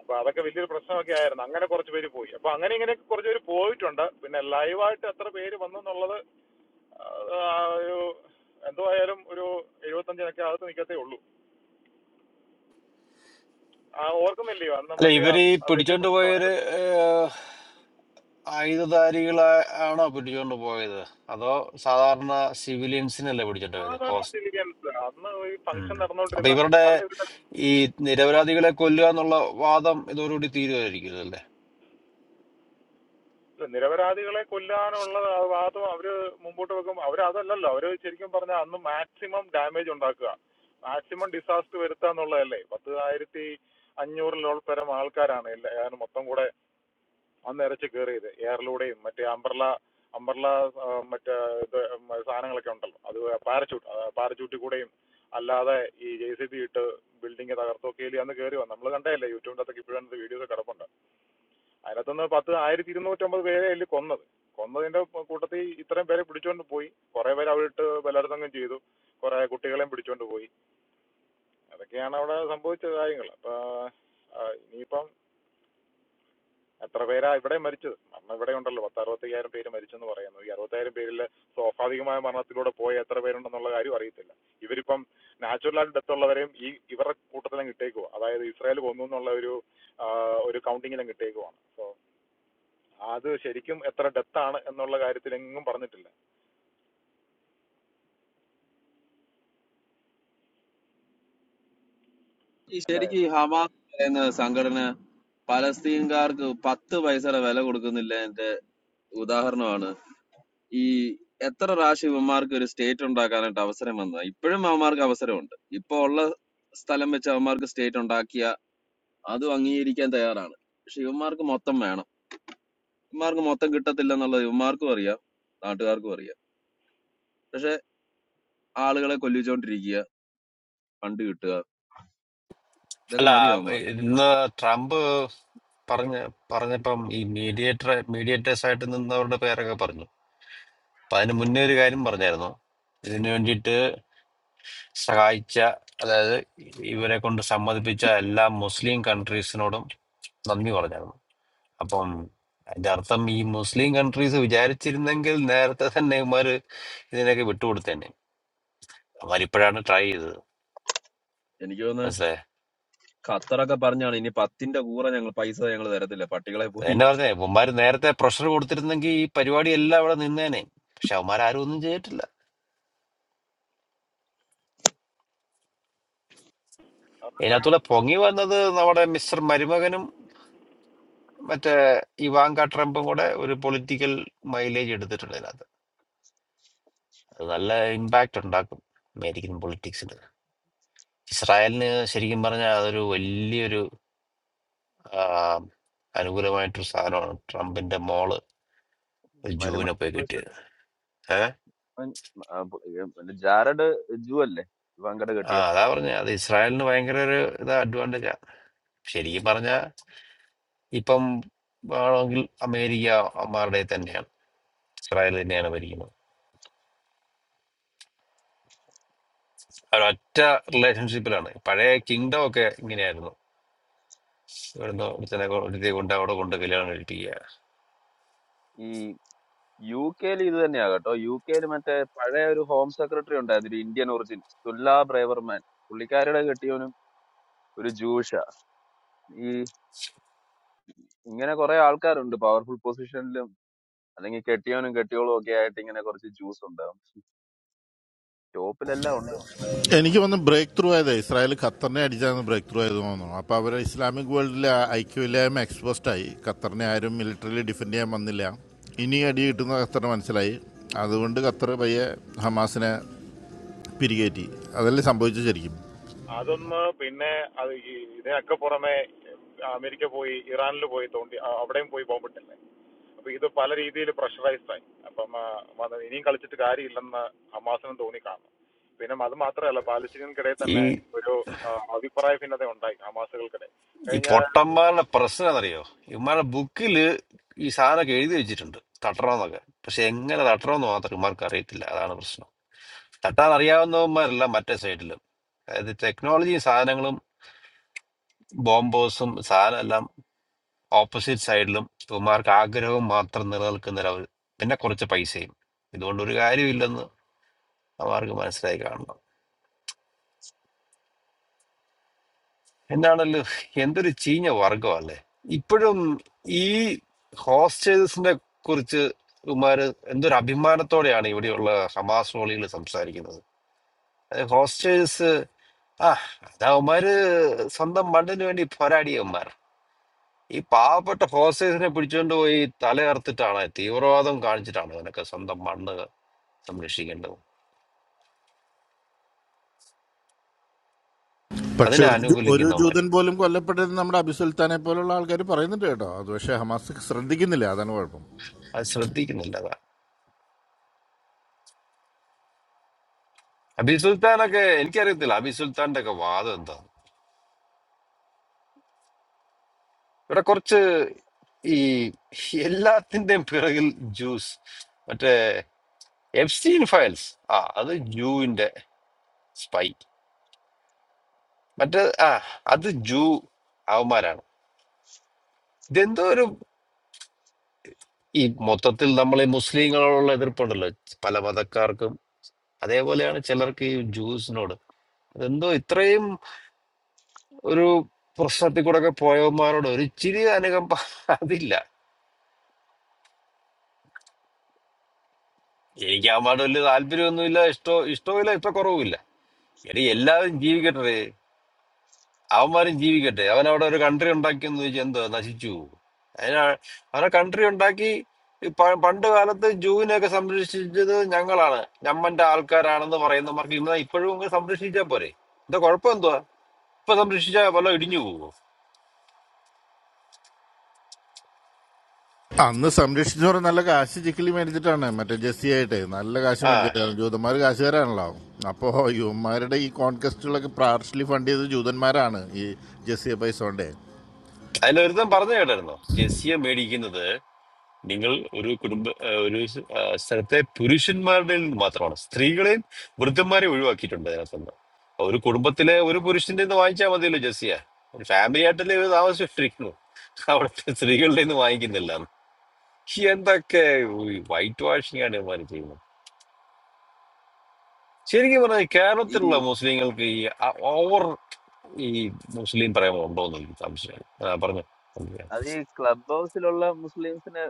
Speaker 1: അപ്പൊ അതൊക്കെ വലിയൊരു പ്രശ്നമൊക്കെ ആയിരുന്നു അങ്ങനെ കുറച്ച് പേര് പോയി അപ്പൊ അങ്ങനെ ഇങ്ങനെയൊക്കെ കുറച്ച് പേര് പോയിട്ടുണ്ട് പിന്നെ ലൈവായിട്ട് എത്ര പേര് വന്നു എന്നുള്ളത് അത് ആ ഒരു എന്തോ ആയാലും ഒരു എഴുപത്തഞ്ചിനൊക്കെ അകത്ത് നിൽക്കത്തേ ഉള്ളൂ ആ ഓർക്കുന്നില്ലയോ അന്ന്
Speaker 4: അല്ല
Speaker 1: മറ്റേ ആ
Speaker 4: ഇവര് ഈ
Speaker 1: ആ വലിയ
Speaker 4: പിടിച്ചോണ്ട്
Speaker 1: പ്രശ്നമായിരുന്നു
Speaker 4: പോയവര് ഏഹ്, ആയുധധാരികളാ ആണോ പിടിച്ചോണ്ട് പോയത് അതോ സാധാരണ സിവിലിയൻസിനല്ലേ പിടിച്ചോണ്ട്
Speaker 1: സാധാരണ
Speaker 4: പോയത്
Speaker 1: സിവിലിയൻസ് അന്ന് ഈ
Speaker 4: ഉം.
Speaker 1: ഫംഗ്ഷൻ
Speaker 4: അപ്പൊ
Speaker 1: നടന്നുകൊണ്ടിരുന്ന
Speaker 4: ഇവരുടെ
Speaker 1: അന്ന് ഇവിടെ
Speaker 4: ഈ നിരപരാധികളെ കൊല്ലുക എന്നുള്ള വാദം ഇതോടുകൂടി തീരുമായിരിക്കും അല്ലേ
Speaker 1: നിരപരാധികളെ കൊല്ലാനുള്ള ആ വാദം അവര് മുമ്പോട്ട് വെക്കും അവരതല്ലല്ലോ അവര് ശരിക്കും പറഞ്ഞാൽ അന്ന് മാക്സിമം ഡാമേജ് ഉണ്ടാക്കുക മാക്സിമം ഡിസാസ്റ്റർ വരുത്തുക എന്നുള്ളതല്ലേ പത്ത് ആയിരത്തി അഞ്ഞൂറിലോൾ പരം ആൾക്കാരാണ് എല്ലാ- ഏതാണ്ട് മൊത്തം കൂടെ അന്ന് ഇറച്ചി കയറിയത് എയറിലൂടെയും മറ്റേ അംബ്രല അംബ്രല മറ്റേ ഇത് സാധനങ്ങളൊക്കെ ഉണ്ടല്ലോ അത് പാരച്യൂട്ട് പാരച്യൂട്ടിൽ കൂടെയും അല്ലാതെ ഈ ജെ സി ബി ഇട്ട് ബിൽഡിംഗ് തകർത്തൊക്കെയിൽ അന്ന് കയറി വന്നു നമ്മൾ കണ്ടതല്ലേ യൂട്യൂബിൻ്റെ അകത്തൊക്കെ ഇപ്പോഴും അതിൻ്റെ വീഡിയോസ് കിടപ്പുണ്ട് അതിനകത്തുനിന്ന് പത്ത് ആയിരത്തി ഇരുന്നൂറ്റമ്പത് പേരെ അതിൽ കൊന്നത് കൊന്നതിൻ്റെ കൂട്ടത്തിൽ ഇത്രയും പേരെ പിടിച്ചുകൊണ്ട് പോയി കുറേ പേര് അവിടെ ഇട്ട് ബലാത്സംഗം ചെയ്തു കുറേ കുട്ടികളെയും പിടിച്ചുകൊണ്ട് പോയി അതൊക്കെയാണ് അവിടെ സംഭവിച്ച കാര്യങ്ങൾ അപ്പോൾ ഇനിയിപ്പം എത്ര പേരാണ് ഇവിടെ മരിച്ചത് മരണം ഇവിടെ ഉണ്ടല്ലോ പത്ത് അറുപത്തയ്യായിരം പേര് മരിച്ചെന്ന് പറയുന്നു ഈ അറുപത്തയ്യായിരം പേരിൽ സ്വാഭാവികമായ മരണത്തിലൂടെ പോയ എത്ര പേരുണ്ടെന്നുള്ള കാര്യം അറിയത്തില്ല ഇവരിപ്പം നാച്ചുറലായിട്ട് ഡെത്ത് ഉള്ളവരെയും ഈ ഇവരുടെ കൂട്ടത്തിലും കിട്ടേക്കുവാ അതായത് ഇസ്രായേൽ കൊന്നു എന്നുള്ള ഒരു ആ, ഒരു കൗണ്ടിങ്ങിലും കിട്ടേക്കുവാണ് സോ അത് ശരിക്കും എത്ര ഡെത്താണ് എന്നുള്ള കാര്യത്തിൽ എങ്ങും പറഞ്ഞിട്ടില്ല
Speaker 2: ഈ
Speaker 1: അതെ.
Speaker 2: ശരിക്കും ഈ ഹമാസ് എന്ന് പറയുന്ന സംഘടന പലസ്തീൻകാർക്ക് പത്ത് പൈസയുടെ വില കൊടുക്കുന്നില്ല എന്റെ ഉദാഹരണമാണ് ഈ എത്ര പ്രാവശ്യം ഇവന്മാർക്ക് ഒരു സ്റ്റേറ്റ് ഉണ്ടാക്കാനായിട്ട് അവസരം വന്നത് ഇപ്പോഴും അവന്മാർക്ക് അവസരമുണ്ട് ഇപ്പൊ ഉള്ള സ്ഥലം വെച്ച് അവന്മാർക്ക് സ്റ്റേറ്റ് ഉണ്ടാക്കിയ അതും അംഗീകരിക്കാൻ തയ്യാറാണ് പക്ഷെ ഇവന്മാർക്ക് മൊത്തം വേണം ഇവന്മാർക്ക് മൊത്തം കിട്ടത്തില്ല എന്നുള്ളത് ഇവന്മാർക്കും അറിയാം നാട്ടുകാർക്കും അറിയാം പക്ഷെ ആളുകളെ കൊല്ലിച്ചുകൊണ്ടിരിക്കുക ഫണ്ട് കിട്ടുക ഇതൊക്കെ
Speaker 4: അല്ല
Speaker 2: മതി അവന്മാർ
Speaker 4: ഇന്ന് ട്രംപ് പറഞ്ഞ പറഞ്ഞപ്പം ഈ മീഡിയേറ്റർ മീഡിയേറ്റേഴ്സ് ആയിട്ട് നിന്നവരുടെ പേരൊക്കെ പറഞ്ഞു അപ്പൊ അതിന് മുന്നേ ഒരു കാര്യം പറഞ്ഞായിരുന്നു ഇതിനു വേണ്ടിയിട്ട് സഹായിച്ച അതായത് ഇവരെ കൊണ്ട് സമ്മതിപ്പിച്ച എല്ലാ മുസ്ലിം കൺട്രീസിനോടും നന്ദി പറഞ്ഞായിരുന്നു അപ്പം അതിന്റെ അർത്ഥം ഈ മുസ്ലിം കൺട്രീസ് വിചാരിച്ചിരുന്നെങ്കിൽ നേരത്തെ തന്നെ ഇവന്മാര് ഇതിനൊക്കെ വിട്ടുകൊടുത്തേനെ അവരിപ്പോഴാണ് ട്രൈ ചെയ്തത്
Speaker 2: എനിക്ക് തോന്നുന്നത്
Speaker 4: മനസ്സിലായേ
Speaker 2: ഖത്തറൊക്കെ പറഞ്ഞാണ് ഇനി പത്തിന്റെ കൂറ ഞങ്ങൾ പൈസ ഞങ്ങൾ തരത്തില്ല പട്ടികളെ
Speaker 4: അത്
Speaker 2: പോയി
Speaker 4: തന്നെ പറഞ്ഞേ അവന്മാർ നേരത്തെ പ്രഷർ കൊടുത്തിരുന്നെങ്കിൽ ഈ പരിപാടി എല്ലാം അവിടെ നിന്നേനെ പക്ഷെ അവന്മാരും ഒന്നും ചെയ്തിട്ടില്ല ഇതിനകത്തൂടെ പൊങ്ങി വന്നത് നമ്മുടെ മിസ്റ്റർ മരുമകനും മറ്റേ ഇവാങ്ക ട്രംപും കൂടെ ഒരു പൊളിറ്റിക്കൽ മൈലേജ് എടുത്തിട്ടുണ്ട് ഇതിനകത്ത് അത് നല്ല ഇമ്പാക്റ്റ് ഉണ്ടാക്കും അമേരിക്കൻ പൊളിറ്റിക്സിൽ ഇസ്രായേലിന് ശരിക്കും പറഞ്ഞാൽ അതൊരു വലിയൊരു ആ, അനുകൂലമായിട്ടൊരു സാധനമാണ് ട്രംപിന്റെ മോള്
Speaker 2: മരുമ
Speaker 4: ജൂവിനെ പോയി
Speaker 2: ജൂസ്
Speaker 4: കിട്ടിയത്
Speaker 2: അല്ലേ
Speaker 4: ഏഹ്
Speaker 2: അവൻ, ആ, പു- ഏ, മറ്റേ ജാരഡ് ജൂ അല്ലേ വങ്കട
Speaker 4: ആ
Speaker 2: കെട്ടിയ
Speaker 4: അതാ പറഞ്ഞ അത് ഇസ്രായേലിന് ഭയങ്കര ഒരു ഇതാ advantage ആ ശരിക്കും പറഞ്ഞാൽ ഇപ്പം ആണെങ്കിൽ അമേരിക്ക അമ്മാരുടെ തന്നെയാണ് ഇസ്രായേൽ തന്നെയാണ് ഭരിക്കുന്നത് അവരൊറ്റ റിലേഷൻഷിപ്പിലാണ് പഴയ കിങ്ഡം ഒക്കെ ഇങ്ങനെയായിരുന്നു ഇവിടുന്ന് ഒരുത്തനെ കൊ- ഒരുത്തിയെ കൊണ്ട് അവിടെ കൊണ്ട് കല്യാണം കഴിപ്പിക്കുക
Speaker 2: ഈ യു കെയിൽ ഇത് തന്നെയാ കേട്ടോ യു കെയിൽ മറ്റേ പഴയ ഒരു ഹോം സെക്രട്ടറി ഉണ്ടായിരുന്നു ഒരു ഇന്ത്യൻ ഒറിജിൻ തുല്ല ബ്രേവർമാൻ പുള്ളിക്കാരിയുടെ കെട്ടിയവനും ഒരു ജൂഷ ഈ ഇങ്ങനെ കുറെ ആൾക്കാരുണ്ട് പവർഫുൾ പൊസിഷനിലും അല്ലെങ്കിൽ കെട്ടിയവനും കെട്ടിയോളും ഒക്കെ ആയിട്ട് ഇങ്ങനെ കുറച്ച് ജ്യൂസ് ഉണ്ടാവും ടോപ്പിലെല്ലാം ഉണ്ട്
Speaker 3: എനിക്ക് വന്ന് ബ്രേക്ക് ത്രൂ ആയത് ഇസ്രായേൽ ഖത്തറിനെ അടിച്ചാണ് ബ്രേക്ക് ത്രൂ ആയത് തോന്നുന്നു അപ്പോൾ അവർ ഇസ്ലാമിക് വേൾഡിലെ ഐക്യമില്ലായ്മ എക്സ്പോസ്ഡ് ആയി ഖത്തറിനെ ആരും മിലിറ്ററിയിൽ ഡിഫെൻഡ് ചെയ്യാൻ വന്നില്ല ഇനി അടി കിട്ടുന്ന ഖത്തറിന് മനസ്സിലായി അതുകൊണ്ട് ഖത്തർ പയ്യെ ഹമാസിനെ പിരികേറ്റി അതല്ലേ സംഭവിച്ചു ശരിക്കും
Speaker 1: അതൊന്ന് പിന്നെ അത് ഈ ഇതിനൊക്കെ പുറമെ അമേരിക്ക പോയി ഇറാനിൽ പോയി തോണ്ടി അ- അവിടെയും പോയി ബോംബിട്ടില്ലേ അപ്പൊ ഇത് പല രീതിയിൽ പ്രഷറൈസ്ഡ് ആയി അപ്പം ആ, മത- ഇനിയും കളിച്ചിട്ട് കാര്യമില്ലെന്ന് ഹമാസിനും തോന്നി കാണും പിന്നെ അത് മാത്രമല്ല പാലസ്തീനികൾക്കിടയിൽ
Speaker 4: ഈ
Speaker 1: തന്നെ ഒരു ആ, അഭിപ്രായ ഭിന്നത ഉണ്ടായി ഹമാസുകൾക്കിടെ
Speaker 4: ഈ
Speaker 1: കഴിഞ്ഞ
Speaker 4: പൊട്ടന്മാരുടെ പ്രശ്നം എന്നറിയോ ഇവന്മാരുടെ ബുക്കിൽ ഈ സാധനമൊക്കെ എഴുതി വെച്ചിട്ടുണ്ട് തട്ടണമെന്നൊക്കെ പക്ഷെ എങ്ങനെ തട്ടണമെന്ന് മാത്രം ഇവന്മാർക്ക് അറിയത്തില്ല അതാണ് പ്രശ്നം തട്ടാൻ അറിയാവുന്നവന്മാരല്ല മറ്റേ സൈഡിലും അതായത് ടെക്നോളജിയും സാധനങ്ങളും ബോംബേഴ്സും സാധനം എല്ലാം ഓപ്പോസിറ്റ് സൈഡിലും ഇവന്മാർക്ക് ആഗ്രഹവും മാത്രം നിലനിൽക്കുന്നൊരവർ പിന്നെ കുറച്ച് പൈസയും ഇതുകൊണ്ട് ഒരു കാര്യമില്ലെന്ന് അവർക്ക് മനസ്സിലായി കാണണം എന്നാണല്ലോ എന്തൊരു ചീഞ്ഞ വർഗമല്ലേ ഇപ്പോഴും ഈ ഹോസ്റ്റേഴ്സിനെ കുറിച്ച് ഇവന്മാര് എന്തൊരു അഭിമാനത്തോടെയാണ് ഇവിടെയുള്ള ഹമാസ് റോളികൾ സംസാരിക്കുന്നത് അത് ഹോസ്റ്റേഴ്സ് ആ അത് അവന്മാര് സ്വന്തം മണ്ണിന് വേണ്ടി പോരാടിയവന്മാർ ഈ പാവപ്പെട്ട ഹോസ്റ്റേഴ്സിനെ പിടിച്ചുകൊണ്ട് പോയി തലയർത്തിട്ടാണ് തീവ്രവാദം കാണിച്ചിട്ടാണ് അവനൊക്കെ സ്വന്തം മണ്ണ് സംരക്ഷിക്കേണ്ടത്
Speaker 3: പക്ഷെ
Speaker 4: അതിനെ
Speaker 3: ഒരു ഒരു
Speaker 4: അനുകൂലിക്കുന്നവന്മാർ
Speaker 3: ജൂതൻ പോലും കൊല്ലപ്പെട്ടതെന്ന് നമ്മുടെ അബിസുൽത്താനെ പോലുള്ള ആൾക്കാർ പറയുന്നുണ്ട് കേട്ടോ അത് പക്ഷെ ഹമാസ് ശ്രദ്ധിക്കുന്നില്ല അതാണ് കുഴപ്പം
Speaker 4: അത് ശ്രദ്ധിക്കുന്നില്ല അതാണ് അബി സുൽത്താനൊക്കെ എനിക്കറിയത്തില്ല അബി സുൽത്താന്റെ ഒക്കെ വാദം എന്താണ് ഇവിടെ കുറച്ച് ഈ എല്ലാത്തിന്റെയും പിറകിൽ ജ്യൂസ് മറ്റേ എഫ്സ്റ്റീൻ ഫയൽസ് ആ അത് ജൂവിന്റെ സ്പൈ മറ്റേ ആ അത് ജൂ അവന്മാരാണ് ഇതെന്തോ ഒരു ഈ മൊത്തത്തിൽ നമ്മൾ ഈ മുസ്ലിങ്ങളോടുള്ള എതിർപ്പുണ്ടല്ലോ പല മതക്കാർക്കും അതേപോലെയാണ് ചിലർക്ക് ഈ ജൂസിനോട് ഇതെന്തോ ഇത്രയും ഒരു പ്രശ്നത്തിൽ കൂടെ ഒക്കെ പോയവന്മാരോട് ഒരു ഇച്ചിരി അനുകമ്പ അതില്ല എനിക്ക് അവന്മാരുടെ വലിയ താല്പര്യമൊന്നുമില്ല ഇഷ്ടോ ഇഷ്ടവുമില്ല ഇഷ്ടക്കുറവുമില്ല എടി എല്ലാവരും ജീവിക്കട്ടെ അവന്മാരും ജീവിക്കട്ടെ അവൻ അവിടെ ഒരു കൺട്രി ഉണ്ടാക്കിയെന്ന് ചോദിച്ചാൽ എന്തോ നശിച്ചു പോകും അതിനാ അവനെ കൺട്രി ഉണ്ടാക്കി ഈ പ- പണ്ട് കാലത്ത് ജൂവിനെയൊക്കെ സംരക്ഷിച്ചത് ഞങ്ങളാണ് ഞമ്മന്റെ ആൾക്കാരാണെന്ന് പറയുന്നവർക്ക് ഇന്ന് ഇപ്പോഴും ഇങ്ങനെ സംരക്ഷിച്ചാൽ പോരെ എന്താ കുഴപ്പം എന്തുവാ ഇപ്പൊ സംരക്ഷിച്ചാൽ വല്ല ഇടിഞ്ഞു പോകുമോ
Speaker 3: അന്ന് സംരക്ഷിച്ചു പറഞ്ഞ നല്ല കാശ് ചിക്കിലി മേടിച്ചിട്ടാണ് മറ്റേ ജെസ്സി ആയിട്ട് നല്ല കാശ്
Speaker 4: ആ
Speaker 3: മേടിച്ചിട്ടാണ് ജൂതന്മാർ കാശുകാരാണല്ലോ അപ്പോ യുവന്മാരുടെ ഈ കോൺകസ്റ്റുകളൊക്കെ പാർഷ്യലി ഫണ്ട് ചെയ്തത് ജൂതന്മാരാണ് ഈ ജെസ്സിയെ പൈസ കൊണ്ടേ
Speaker 4: അതിലൊരുത്തൻ പറഞ്ഞു കേട്ടായിരുന്നു ജെസ്സിയെ മേടിക്കുന്നത് നിങ്ങൾ ഒരു കുടുംബ ഏഹ് ഒരു സ്- ആ, സ്ഥലത്തെ പുരുഷന്മാരുടെ നിന്ന് മാത്രമാണ് സ്ത്രീകളെയും വൃദ്ധന്മാരെയും ഒഴിവാക്കിയിട്ടുണ്ട് അതിനകത്തുനിന്ന് ഒരു കുടുംബത്തിലെ ഒരു പുരുഷന്റെ നിന്ന് വാങ്ങിച്ചാൽ മതിയല്ലോ ജെസ്സിയ ഒരു ഫാമിലി ആയിട്ടല്ലേ ഇത് താമസിച്ചിരിക്കുന്നു അവിടുത്തെ സ്ത്രീകളുടെ നിന്ന് വാങ്ങിക്കുന്നില്ല എന്തൊക്കെ ഈ വൈറ്റ് വാഷിംഗ് ആണ് ഇവന്മാർ ചെയ്യുന്നത് ശരിക്കും പറഞ്ഞാൽ
Speaker 2: ഈ
Speaker 4: കേരളത്തിലുള്ള മുസ്ലിങ്ങൾക്ക് ഈ ഓവർ ഈ മുസ്ലിം പ്രേമം ഉണ്ടോ എന്ന് എനിക്ക് സംശയമാണ് ആ, പറഞ്ഞോ
Speaker 2: അത് ഈ ക്ലബ് ഹൗസിലുള്ള മുസ്ലിംസിന്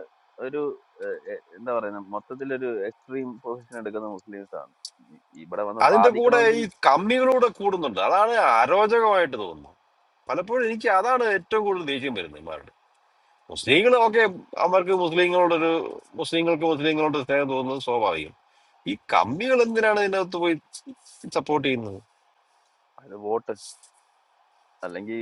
Speaker 2: ഒരു ഏഹ്, ഏഹ്, എന്താ പറയുന്നത് മൊത്തത്തിലൊരു എക്സ്ട്രീം പൊസിഷൻ എടുക്കുന്ന മുസ്ലിംസ് ആണ് ഈ- ഇവിടെ വന്ന്
Speaker 4: അതിന്റെ കൂടെ
Speaker 2: വാദിക്കണമെങ്കിൽ
Speaker 4: ഈ കമ്മികളൂടെ കൂടുന്നുണ്ട് അതാണ് അരോചകമായിട്ട് തോന്നുന്നത് പലപ്പോഴും എനിക്ക് അതാണ് ഏറ്റവും കൂടുതൽ ദേഷ്യം വരുന്നത് ഇമാരുടെ മുസ്ലിങ്ങൾ ഓക്കെ അവർക്ക് മുസ്ലിങ്ങളോടൊരു മുസ്ലിങ്ങൾക്ക് മുസ്ലിങ്ങളോട് സ്നേഹം തോന്നുന്നത് സ്വാഭാവികം ഈ കമ്പികൾ എന്തിനാണ് ഇതിനകത്ത് പോയി സപ്പോർട്ട് ചെയ്യുന്നത്
Speaker 2: അത് വോട്ട് അല്ലെങ്കിൽ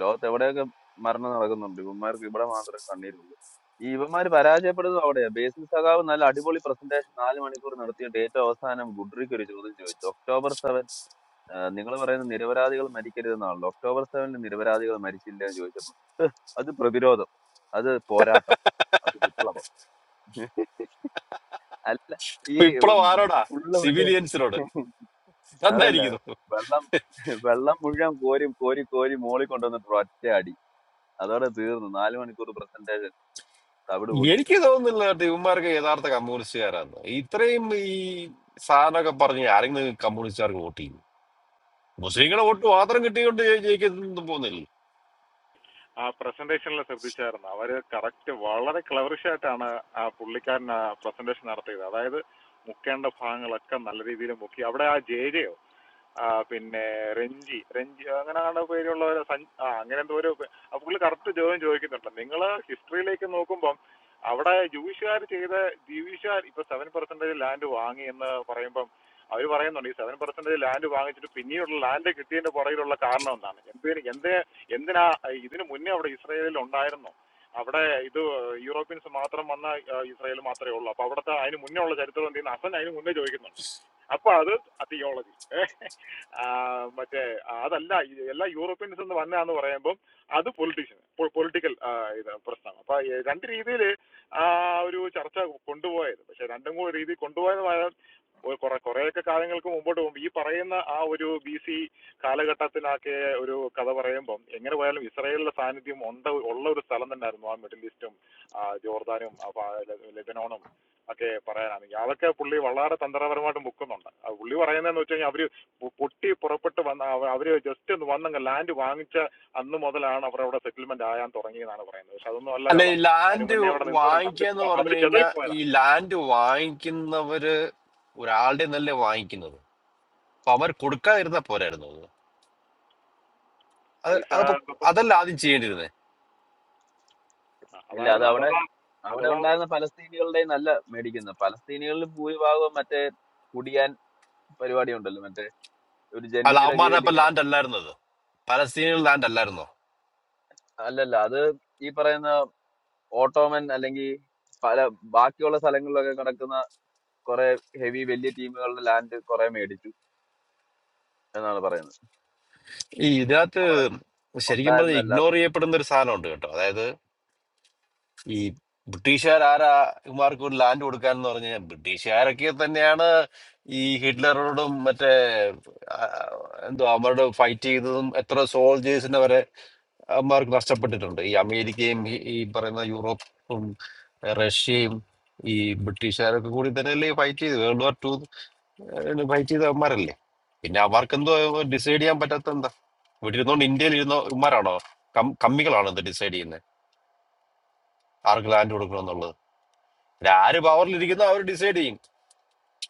Speaker 2: ലോകത്ത് എവിടെയൊക്കെ മരണം നടക്കുന്നുണ്ട് ഇവന്മാർക്ക് ഇവിടെ മാത്രമേ കണ്ണീരുള്ളൂ ഈ ഇവന്മാര് പരാജയപ്പെടുന്നത് അവിടെയാ ബേസിൽ സഖാവ് നല്ല അടിപൊളി പ്രസന്റേഷൻ നാല് മണിക്കൂർ നടത്തിയിട്ട് ഏറ്റവും അവസാനം ഗുഡ്രിക്ക് ഒരു ചോദ്യം ചോദിച്ചു ഒക്ടോബർ നിങ്ങൾ പറയുന്ന നിരപരാധികൾ മരിക്കരുതെന്നാണല്ലോ ഒക്ടോബർ സെവനിൽ നിരപരാധികൾ മരിച്ചില്ല എന്ന് ചോദിച്ചപ്പോൾ "ഹ്, അത് പ്രതിരോധം അത് പോരാട്ടം അത് വിപ്ലവം [LAUGHS] അല്ല ഈ ഉം,
Speaker 4: വിപ്ലവം ആരോടാ
Speaker 2: ഉള്ള മറ്റേ
Speaker 4: സിവിലിയൻസിനോട്
Speaker 2: [LAUGHS] അതല്ല
Speaker 4: നന്നായിരിക്കുന്നു
Speaker 2: വെള്ളം വെള്ളം മുഴുവൻ കോരി കോരി കോരി മോളി കൊണ്ടുവന്നിട്ട് ഒറ്റ അടി അതോടെ തീർന്നു നാല് മണിക്കൂർ പ്രസന്റേഷൻ തവിട് കൂടിയായി
Speaker 4: എനിക്ക് തോന്നുന്നില്ല കേട്ടോ ഇവന്മാർക്ക് യഥാർത്ഥ കമ്മ്യൂണിസ്റ്റുകാരാന്ന് ഇത്രയും ഈ സാധനമൊക്കെ പറഞ്ഞ് ആരെങ്കിലും കമ്മ്യൂണിസ്റ്റുകാർക്ക് വോട്ട് ചെയ്യും മുസ്ലിങ്ങളെ വോട്ട് മാത്രം കിട്ടിക്കൊണ്ട് ജയിക്കുന്നു പോകുന്നില്ല
Speaker 1: ആ പ്രസന്റേഷനിൽ ശ്രദ്ധിച്ചായിരുന്നു അവര് കറക്റ്റ് വളരെ ക്ലവറിഷ് ആയിട്ടാണ് ആ പുള്ളിക്കാരൻ പ്രസന്റേഷൻ നടത്തിയത് അതായത് മുക്കേണ്ട ഭാഗങ്ങളൊക്കെ നല്ല രീതിയിൽ മുക്കി അവിടെ ആ ജേജയോ ആ പിന്നെ റെഞ്ചി റെഞ്ചി അങ്ങനെയാണ്ട് പേരുള്ളവർ സഞ്ച് ആ അങ്ങനെ എന്തോ ഒരു ആ പുള്ളി കറക്റ്റ് ചോദ്യം ചോദിക്കുന്നുണ്ട് നിങ്ങൾ ഹിസ്റ്ററിയിലേക്ക് നോക്കുമ്പം അവിടെ ജൂയിഷുകാർ ചെയ്ത ജൂയിഷുകാർ ഇപ്പോൾ സെവൻ പെർസെൻറ്റേജ് ലാൻഡ് വാങ്ങി എന്ന് പറയുമ്പം അവർ പറയുന്നുണ്ട് ഈ സെവൻ പെർസെൻറ്റേജ് ലാൻഡ് വാങ്ങിച്ചിട്ട് പിന്നീടുള്ള ലാൻഡ് കിട്ടിയതിൻ്റെ പുറകിലുള്ള കാരണം എന്താണ് എന്തിന് എന്ത് എന്തിനാ ഇതിന് മുന്നേ അവിടെ ഇസ്രയേലിൽ ഉണ്ടായിരുന്നോ അവിടെ ഇത് യൂറോപ്യൻസ് മാത്രം വന്ന ആ, ഇസ്രയേൽ മാത്രമേ ഉള്ളൂ അപ്പോൾ അവിടുത്തെ അതിന് മുന്നേ ഉള്ള ചരിത്രം എന്ത് ചെയ്യുന്ന അസൻ അതിന് മുന്നേ ചോദിക്കുന്നുണ്ട് അപ്പോൾ അത് തിയോളജി ആ, മറ്റേ ആ, അതല്ല ഇത് എല്ലാ യൂറോപ്യൻസ് എന്ന് വന്നതാന്ന് പറയുമ്പം അത് പൊളിറ്റീഷ്യൻ പൊളിറ്റിക്കൽ ഇത് പ്രശ്നമാണ് അപ്പൊ ഈ രണ്ട് രീതിയിൽ ആ ഒരു ചർച്ച കൊണ്ടുപോയത് പക്ഷെ രണ്ടും കൂടി രീതി കൊണ്ടുപോയതുമായ ഒരു കുറെ കുറെയൊക്കെ കാര്യങ്ങൾക്ക് മുമ്പോട്ട് പോകുമ്പോൾ ഈ പറയുന്ന ആ ഒരു ബി സി കാലഘട്ടത്തിലൊക്കെ ഒരു കഥ പറയുമ്പം എങ്ങനെ പോയാലും ഇസ്രായേലിന്റെ സാന്നിധ്യം ഉണ്ട് ഉള്ള ഒരു സ്ഥലം തന്നെയായിരുന്നു ആ മിഡിൽ ഈസ്റ്റും ആ, ജോർദാനും ആ, പ- ലെ- ലെബനോണും ഒക്കെ പറയാനാണ് അതൊക്കെ പുള്ളി വളരെ തന്ത്രപരമായിട്ട് മുക്കുന്നുണ്ട് ആ പുള്ളി പറയുന്നതെന്ന് വെച്ച് കഴിഞ്ഞാൽ അവര് പൊ- പൊട്ടി പുറപ്പെട്ട് വന്ന അവ- അവര് ജസ്റ്റ് ഒന്ന് വന്നങ്ങ് ലാൻഡ് വാങ്ങിച്ച അന്ന് മുതലാണ് അവർ അവിടെ സെറ്റിൽമെന്റ് ആയാൻ തുടങ്ങിയെന്നാണ് പറയുന്നത് പക്ഷെ അതൊന്നും അല്ല
Speaker 4: അല്ല
Speaker 1: കഥ
Speaker 4: ഈ
Speaker 1: അതിന്
Speaker 4: ലാൻഡ്
Speaker 1: മുന്നേ അവിടെ നിന്നവരാണ് അവര്
Speaker 4: വാങ്ങിക്കുക എന്ന്
Speaker 1: പോ-
Speaker 4: പറഞ്ഞു
Speaker 1: അവര് ചെതൽ
Speaker 4: കഴിഞ്ഞാൽ ഈ
Speaker 1: പോയതാ
Speaker 4: ലാൻഡ് വാങ്ങിക്കുന്നവര് ഒരാളുടെ നല്ല വാങ്ങിക്കുന്നത് അപ്പൊ അവർ കൊടുക്കാതിരുന്ന പോരായിരുന്നു അത് അത്
Speaker 1: പൈസ
Speaker 4: അതപ്പോ അതല്ല ആദ്യം ചെയ്യേണ്ടിയിരുന്നത്
Speaker 1: ആ,
Speaker 2: ഇല്ല അത്
Speaker 1: അതായിരുന്നു
Speaker 2: അവിടെ
Speaker 1: അഥവാ
Speaker 2: അവിടെ
Speaker 1: അഥവാ
Speaker 2: ഉണ്ടായിരുന്ന പലസ്തീനികളുടെ നല്ല മേടിക്കുന്നത് പലസ്തീനികളിൽ ഭൂരിഭാഗവും മറ്റേ കുടിയാൻ പരിപാടി ഉണ്ടല്ലോ മറ്റേ ഒരു
Speaker 4: അല്ല
Speaker 2: ജന്മിയുടെ
Speaker 4: അവന്മാരുടെ
Speaker 2: കീഴിൽ
Speaker 4: അപ്പൊ
Speaker 2: ഇങ്ങനെ
Speaker 4: ലാൻഡ് അല്ലായിരുന്നത് പലസ്തീനിയൻ ലാൻഡ് അല്ലായിരുന്നോ
Speaker 2: അല്ലല്ല. അത് ഈ പറയുന്ന ഓട്ടോമൻ അല്ലെങ്കിൽ പല ബാക്കിയുള്ള സ്ഥലങ്ങളിലൊക്കെ കിടക്കുന്ന കുറെ ഹെവി വലിയ ടീമുകളുടെ ലാൻഡ് കുറെ മേടിച്ചു എന്നാണ് പറയുന്നത്.
Speaker 4: ഈ ഇതിനകത്ത്
Speaker 2: അവിടെ
Speaker 4: ശരിക്കും പറഞ്ഞ
Speaker 2: ഉണ്ടായിരുന്നല്ല.
Speaker 4: ഇഗ്നോർ ചെയ്യപ്പെടുന്ന ഒരു സാധനമുണ്ട് കേട്ടോ അതായത് ഈ ബ്രിട്ടീഷുകാർ ആരാ ഇവർക്ക് ഒരു ലാൻഡ് കൊടുക്കാന്ന് പറഞ്ഞു കഴിഞ്ഞാൽ ബ്രിട്ടീഷുകാരൊക്കെ തന്നെയാണ് ഈ ഹിറ്റ്ലറോടും മറ്റേ ആ, എന്തോ അവരോട് ഫൈറ്റ് ചെയ്തതും എത്ര സോൾജേഴ്സിനെ മാർക്ക് നഷ്ടപ്പെട്ടിട്ടുണ്ട് ഈ അമേരിക്കയും ഈ ഈ പറയുന്ന യൂറോപ്പും ഏഹ് റഷ്യയും ഈ ബ്രിട്ടീഷുകാരൊക്കെ കൂടി തന്നെയല്ലേ ഫൈറ്റ് ചെയ്ത് വേൾഡ് വാർ ടു ഫൈറ്റ് ചെയ്ത അവന്മാരല്ലേ പിന്നെ അവർക്ക് എന്തോ ഡിസൈഡ് ചെയ്യാൻ പറ്റാത്ത എന്താ ഇവിടെ ഇരുന്നോണ്ട് ഇന്ത്യയിൽ ഇരുന്ന ഇവന്മാരാണോ കം- കമ്മികളാണോ ഇത് ഡിസൈഡ് ചെയ്യുന്നത് ആർക്ക് ലാൻഡ് കൊടുക്കണം എന്നുള്ളത് ഇവിടെ ആര് പവറിലിരിക്കുന്നോ അവർ ഡിസൈഡ് ചെയ്യും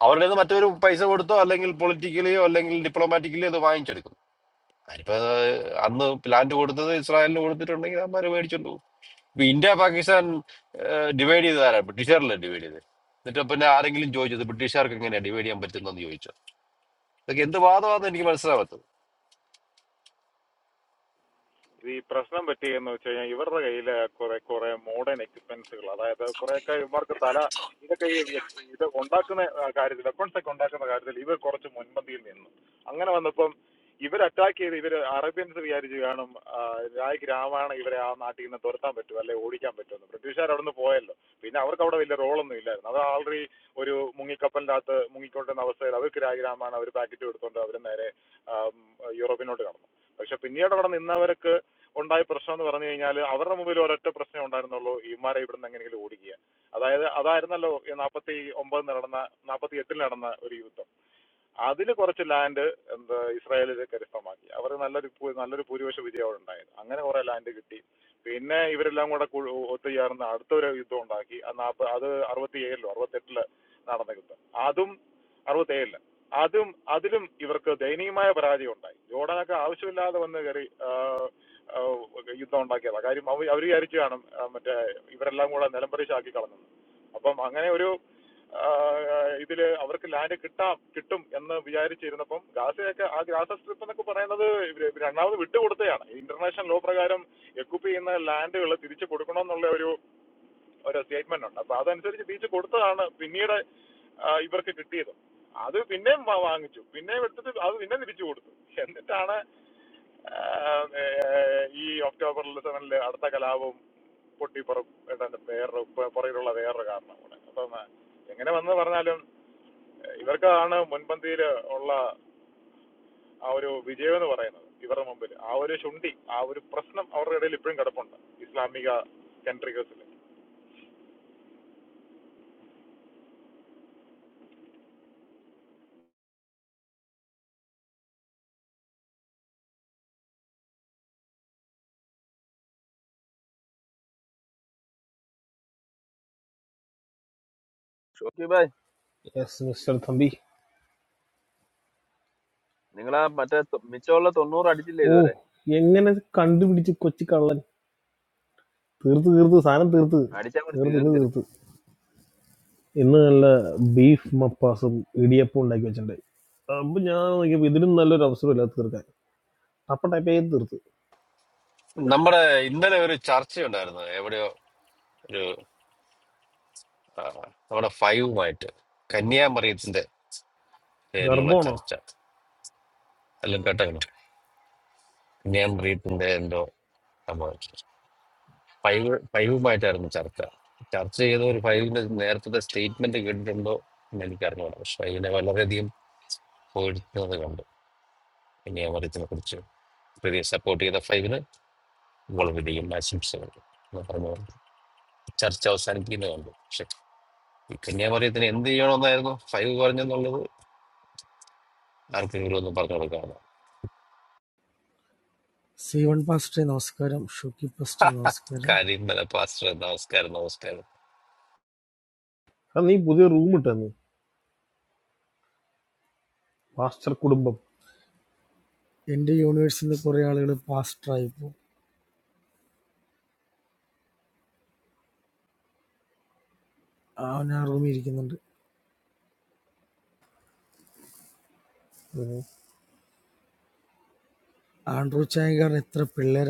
Speaker 4: അവരുടെ കയ്യിൽ നിന്ന് മറ്റൊരു പൈസ കൊടുത്തോ അല്ലെങ്കിൽ പൊളിറ്റിക്കലിയോ അല്ലെങ്കിൽ ഡിപ്ലോമാറ്റിക്കലിയോ അത് വാങ്ങിച്ചെടുക്കും അതിപ്പോ ഏഹ് അന്ന് ലാൻഡ് കൊടുത്തത് ഇസ്രായേലിന് കൊടുത്തിട്ടുണ്ടെങ്കിൽ അവന്മാർ മേടിച്ചോണ്ട് പോകും ഇപ്പൊ ഇന്ത്യ പാകിസ്ഥാൻ ഡിവൈഡ് ചെയ്ത് ആരാ ബ്രിട്ടീഷുകാരല്ലേ ഡിവൈഡ് ചെയ്ത് എന്നിട്ട് പിന്നെ ആരെങ്കിലും ചോദിച്ചത് ബ്രിട്ടീഷുകാർക്ക് എങ്ങനെയാ ഡിവൈഡ് ചെയ്യാൻ പറ്റുന്നതെന്ന് ചോദിച്ചു ഇതൊക്കെ എന്ത് വാദമാണെന്ന് എനിക്ക് മനസ്സിലാവാത്തത്
Speaker 1: ഈ പ്രശ്നം പറ്റിയെന്ന് വെച്ച് കഴിഞ്ഞാൽ ഇവരുടെ കയ്യില് കുറെ കുറെ മോഡേൺ എക്യുപ്മെന്റ്സുകൾ അതായത് കുറെയൊക്കെ ഇവർക്ക് തല ഇതൊക്കെ ഈ വ്യ- ഇത് ഉണ്ടാക്കുന്ന ആ, കാര്യത്തിൽ വെപ്പൺസ് ഒക്കെ ഉണ്ടാക്കുന്ന കാര്യത്തിൽ ഇവർ കുറച്ച് മുൻപന്തിയിൽ നിന്നു അങ്ങനെ വന്നപ്പം ഇവർ അറ്റാക്ക് ചെയ്ത് ഇവർ അറേബ്യൻസ് വിചാരിച്ച് കാണും ആ, രായ്ക്ക് രാമാണ് ഇവരെ ആ നാട്ടിൽ നിന്ന് തുരത്താൻ പറ്റും അല്ലെ ഓടിക്കാൻ പറ്റുമെന്ന് ബ്രിട്ടീഷുകാർ അവിടെ നിന്ന് പോയല്ലോ പിന്നെ അവർക്ക് അവിടെ വലിയ റോളൊന്നും ഇല്ലായിരുന്നു അത് ആൾറെഡി ഒരു മുങ്ങിക്കപ്പലിൻ്റെ അകത്ത് മുങ്ങിക്കൊണ്ടിരുന്ന അവസ്ഥയിൽ അവർക്ക് രായ് രാമാണ് അവർ പാക്കറ്റ് എടുത്തുകൊണ്ട് അവർ നേരെ ആ, യൂറോപ്പിനോട്ട് കടന്നു പക്ഷെ പിന്നീട് അവിടെ നിന്നവർക്ക് ഉണ്ടായ പ്രശ്നം എന്ന് പറഞ്ഞു കഴിഞ്ഞാൽ അവരുടെ മുമ്പിൽ ഒരൊറ്റ പ്രശ്നം ഉണ്ടായിരുന്നുള്ളൂ ഇമാരെ ഇവിടെ നിന്ന് എങ്ങനെയെങ്കിലും ഓടിക്കുക അതായത് അതായിരുന്നല്ലോ നാൽപ്പത്തി ഒമ്പത് നടന്ന നാൽപ്പത്തി എട്ടിൽ നടന്ന ഒരു യുദ്ധം അതിൽ കുറച്ച് ലാൻഡ് എന്താ ഇസ്രായേലിൽ കരസ്ഥമാക്കി അവർ നല്ലൊരു ഭൂ- നല്ലൊരു ഭൂരിപക്ഷ വിജയമാണ് ഉണ്ടായത് അങ്ങനെ കുറെ ലാൻഡ് കിട്ടി പിന്നെ ഇവരെല്ലാം കൂടെ കു- ഒത്തുചേർന്ന് അടുത്തൊരു യുദ്ധം ഉണ്ടാക്കി ആ നാപ്പ അത് അറുപത്തി ഏഴിലോ അറുപത്തെട്ടില് നടന്ന യുദ്ധം അതും അറുപത്തേഴില് അതും അതിലും ഇവർക്ക് ദയനീയമായ പരാജയം ഉണ്ടായി ജോർഡനൊക്കെ ആവശ്യമില്ലാതെ വന്ന് കയറി ആ, ആ, യുദ്ധം ഉണ്ടാക്കിയതാണ് കാര്യം അവർ അവർ വിചാരിച്ചു കാണും ആ, മറ്റേ ഇവരെല്ലാം കൂടെ നിലംപരിശാക്കി കളഞ്ഞു അപ്പം അങ്ങനെ ഒരു ആ, ഇതിൽ അവർക്ക് ലാൻഡ് കിട്ടാം കിട്ടും എന്ന് വിചാരിച്ചിരുന്നപ്പം ഗാസയൊക്കെ ആ ഗാസ സ്ട്രിപ്പ് എന്നൊക്കെ പറയുന്നത് ഇവര് രണ്ടാമത് വിട്ടുകൊടുത്തതാണ് ഇന്റർനാഷണൽ ലോ പ്രകാരം എക്യുപ്പ് ചെയ്യുന്ന ലാൻഡുകൾ തിരിച്ചു കൊടുക്കണമെന്നുള്ള ഒരു ഒരു സ്റ്റേറ്റ്മെന്റ് ഉണ്ട് അപ്പൊ അതനുസരിച്ച് തിരിച്ചു കൊടുത്തതാണ് പിന്നീട് ആ, ഇവർക്ക് കിട്ടിയത് അത് പിന്നെയും വാ- വാങ്ങിച്ചു പിന്നെയും എടുത്തിട്ട് അത് പിന്നെ തിരിച്ചു കൊടുത്തു എന്നിട്ടാണ് ആ, ഏ, ഈ ഒക്ടോബർ സെവനിൽ അടുത്ത കലാപവും പൊട്ടിപ്പുറം വേറൊരു പ- പുറകിലുള്ള വേറൊരു കാരണം കൂടെ അപ്പം എങ്ങനെ വന്നു പറഞ്ഞാലും ഇവർക്കാണ് മുൻപന്തിയിൽ ഉള്ള ആ ഒരു വിജയം എന്ന് പറയുന്നത് ഇവരുടെ മുമ്പിൽ ആ ഒരു ശുണ്ഠി ആ ഒരു പ്രശ്നം അവരുടെ ഇടയിൽ ഇപ്പോഴും കിടപ്പുണ്ട് ഇസ്ലാമിക സെൻട്രികസിൽ
Speaker 2: ഷോക്കി ഭായ്
Speaker 5: യെസ് മിസ്റ്റർ തമ്പി
Speaker 2: നിങ്ങളാ മറ്റേ തൊ- മിച്ചമുള്ള തൊണ്ണൂറ് അടിച്ചില്ലേ
Speaker 5: ഓ
Speaker 2: ഇതുവരെ?
Speaker 5: എങ്ങനെ കണ്ടുപിടിച്ച് കൊച്ചു കള്ളൻ തീർത്ത് തീർത്ത് സാധനം തീർത്ത്
Speaker 2: അടിച്ചാൽ മതി
Speaker 5: തീർത്ത് ഇന്ന്
Speaker 2: തീർക്കരുത്.
Speaker 5: തീർത്ത് ഇന്ന് നല്ല ബീഫ് മപ്പാസും ഇടിയപ്പം ഉണ്ടാക്കി വെച്ചിട്ടുണ്ടായി അപ്പം ഞാൻ നോക്കിയപ്പോൾ ഇതിലും നല്ലൊരു അവസരമില്ല തീർക്കാൻ അപ്പം ടൈപ്പ് ചെയ്ത് തീർത്ത്
Speaker 4: നമ്മുടെ ഇന്നലെ ഒരു ചർച്ചയുണ്ടായിരുന്നു എവിടെയോ ഒരു ആ, നമ്മുടെ ഫൈവുമായിട്ട് കന്യാമറിയത്തിന്റെ പേരിലുള്ള
Speaker 5: ഗർഭമാണോ
Speaker 4: ചർച്ച എല്ലാം കേട്ടോ കന്യാമറിയത്തിന്റെ എന്തോ സംഭവം ഫൈവ് ഫൈവുമായിട്ടായിരുന്നു ചർച്ച ചർച്ച ചെയ്ത ഒരു ഫൈവിന്റെ നേരത്തെ സ്റ്റേറ്റ്മെന്റ് കേട്ടിട്ടുണ്ടോ എന്ന് എനിക്കറിഞ്ഞൂടാ പക്ഷെ ഫൈവിനെ വളരെയധികം പോയിരുന്നത് കണ്ടു കന്യാമറിയത്തിനെ കുറിച്ച് പ്രീതിയെ സപ്പോർട്ട് ചെയ്ത ഫൈവിന് നിങ്ങൾ വിധിയും ആശംസകൾ എന്ന് പറഞ്ഞു കൊണ്ട് ചർച്ച അവസാനിപ്പിക്കുന്നത് കണ്ടു പക്ഷെ ഈ കന്യാമറിയത്തിന് എന്ത് ചെയ്യണമെന്നായിരുന്നു ഫൈവ് പറഞ്ഞെന്നുള്ളത് ആർക്കെങ്കിലും ഒന്ന് പറഞ്ഞു കൊടുക്കാവുന്ന
Speaker 6: Seven paster, Oscar. Shooky paster, Oscar.
Speaker 4: കാര്യം വല്ല പാസ്റ്റർ നമസ്കാരം നമസ്കാരം
Speaker 5: അത് നീ പുതിയ റൂം ഇട്ടെന്ന് പാസ്റ്റർ കുടുംബം
Speaker 6: India University. The Correa people passed try. I am not familiar with that. Andrew Chaygar is such a pillar.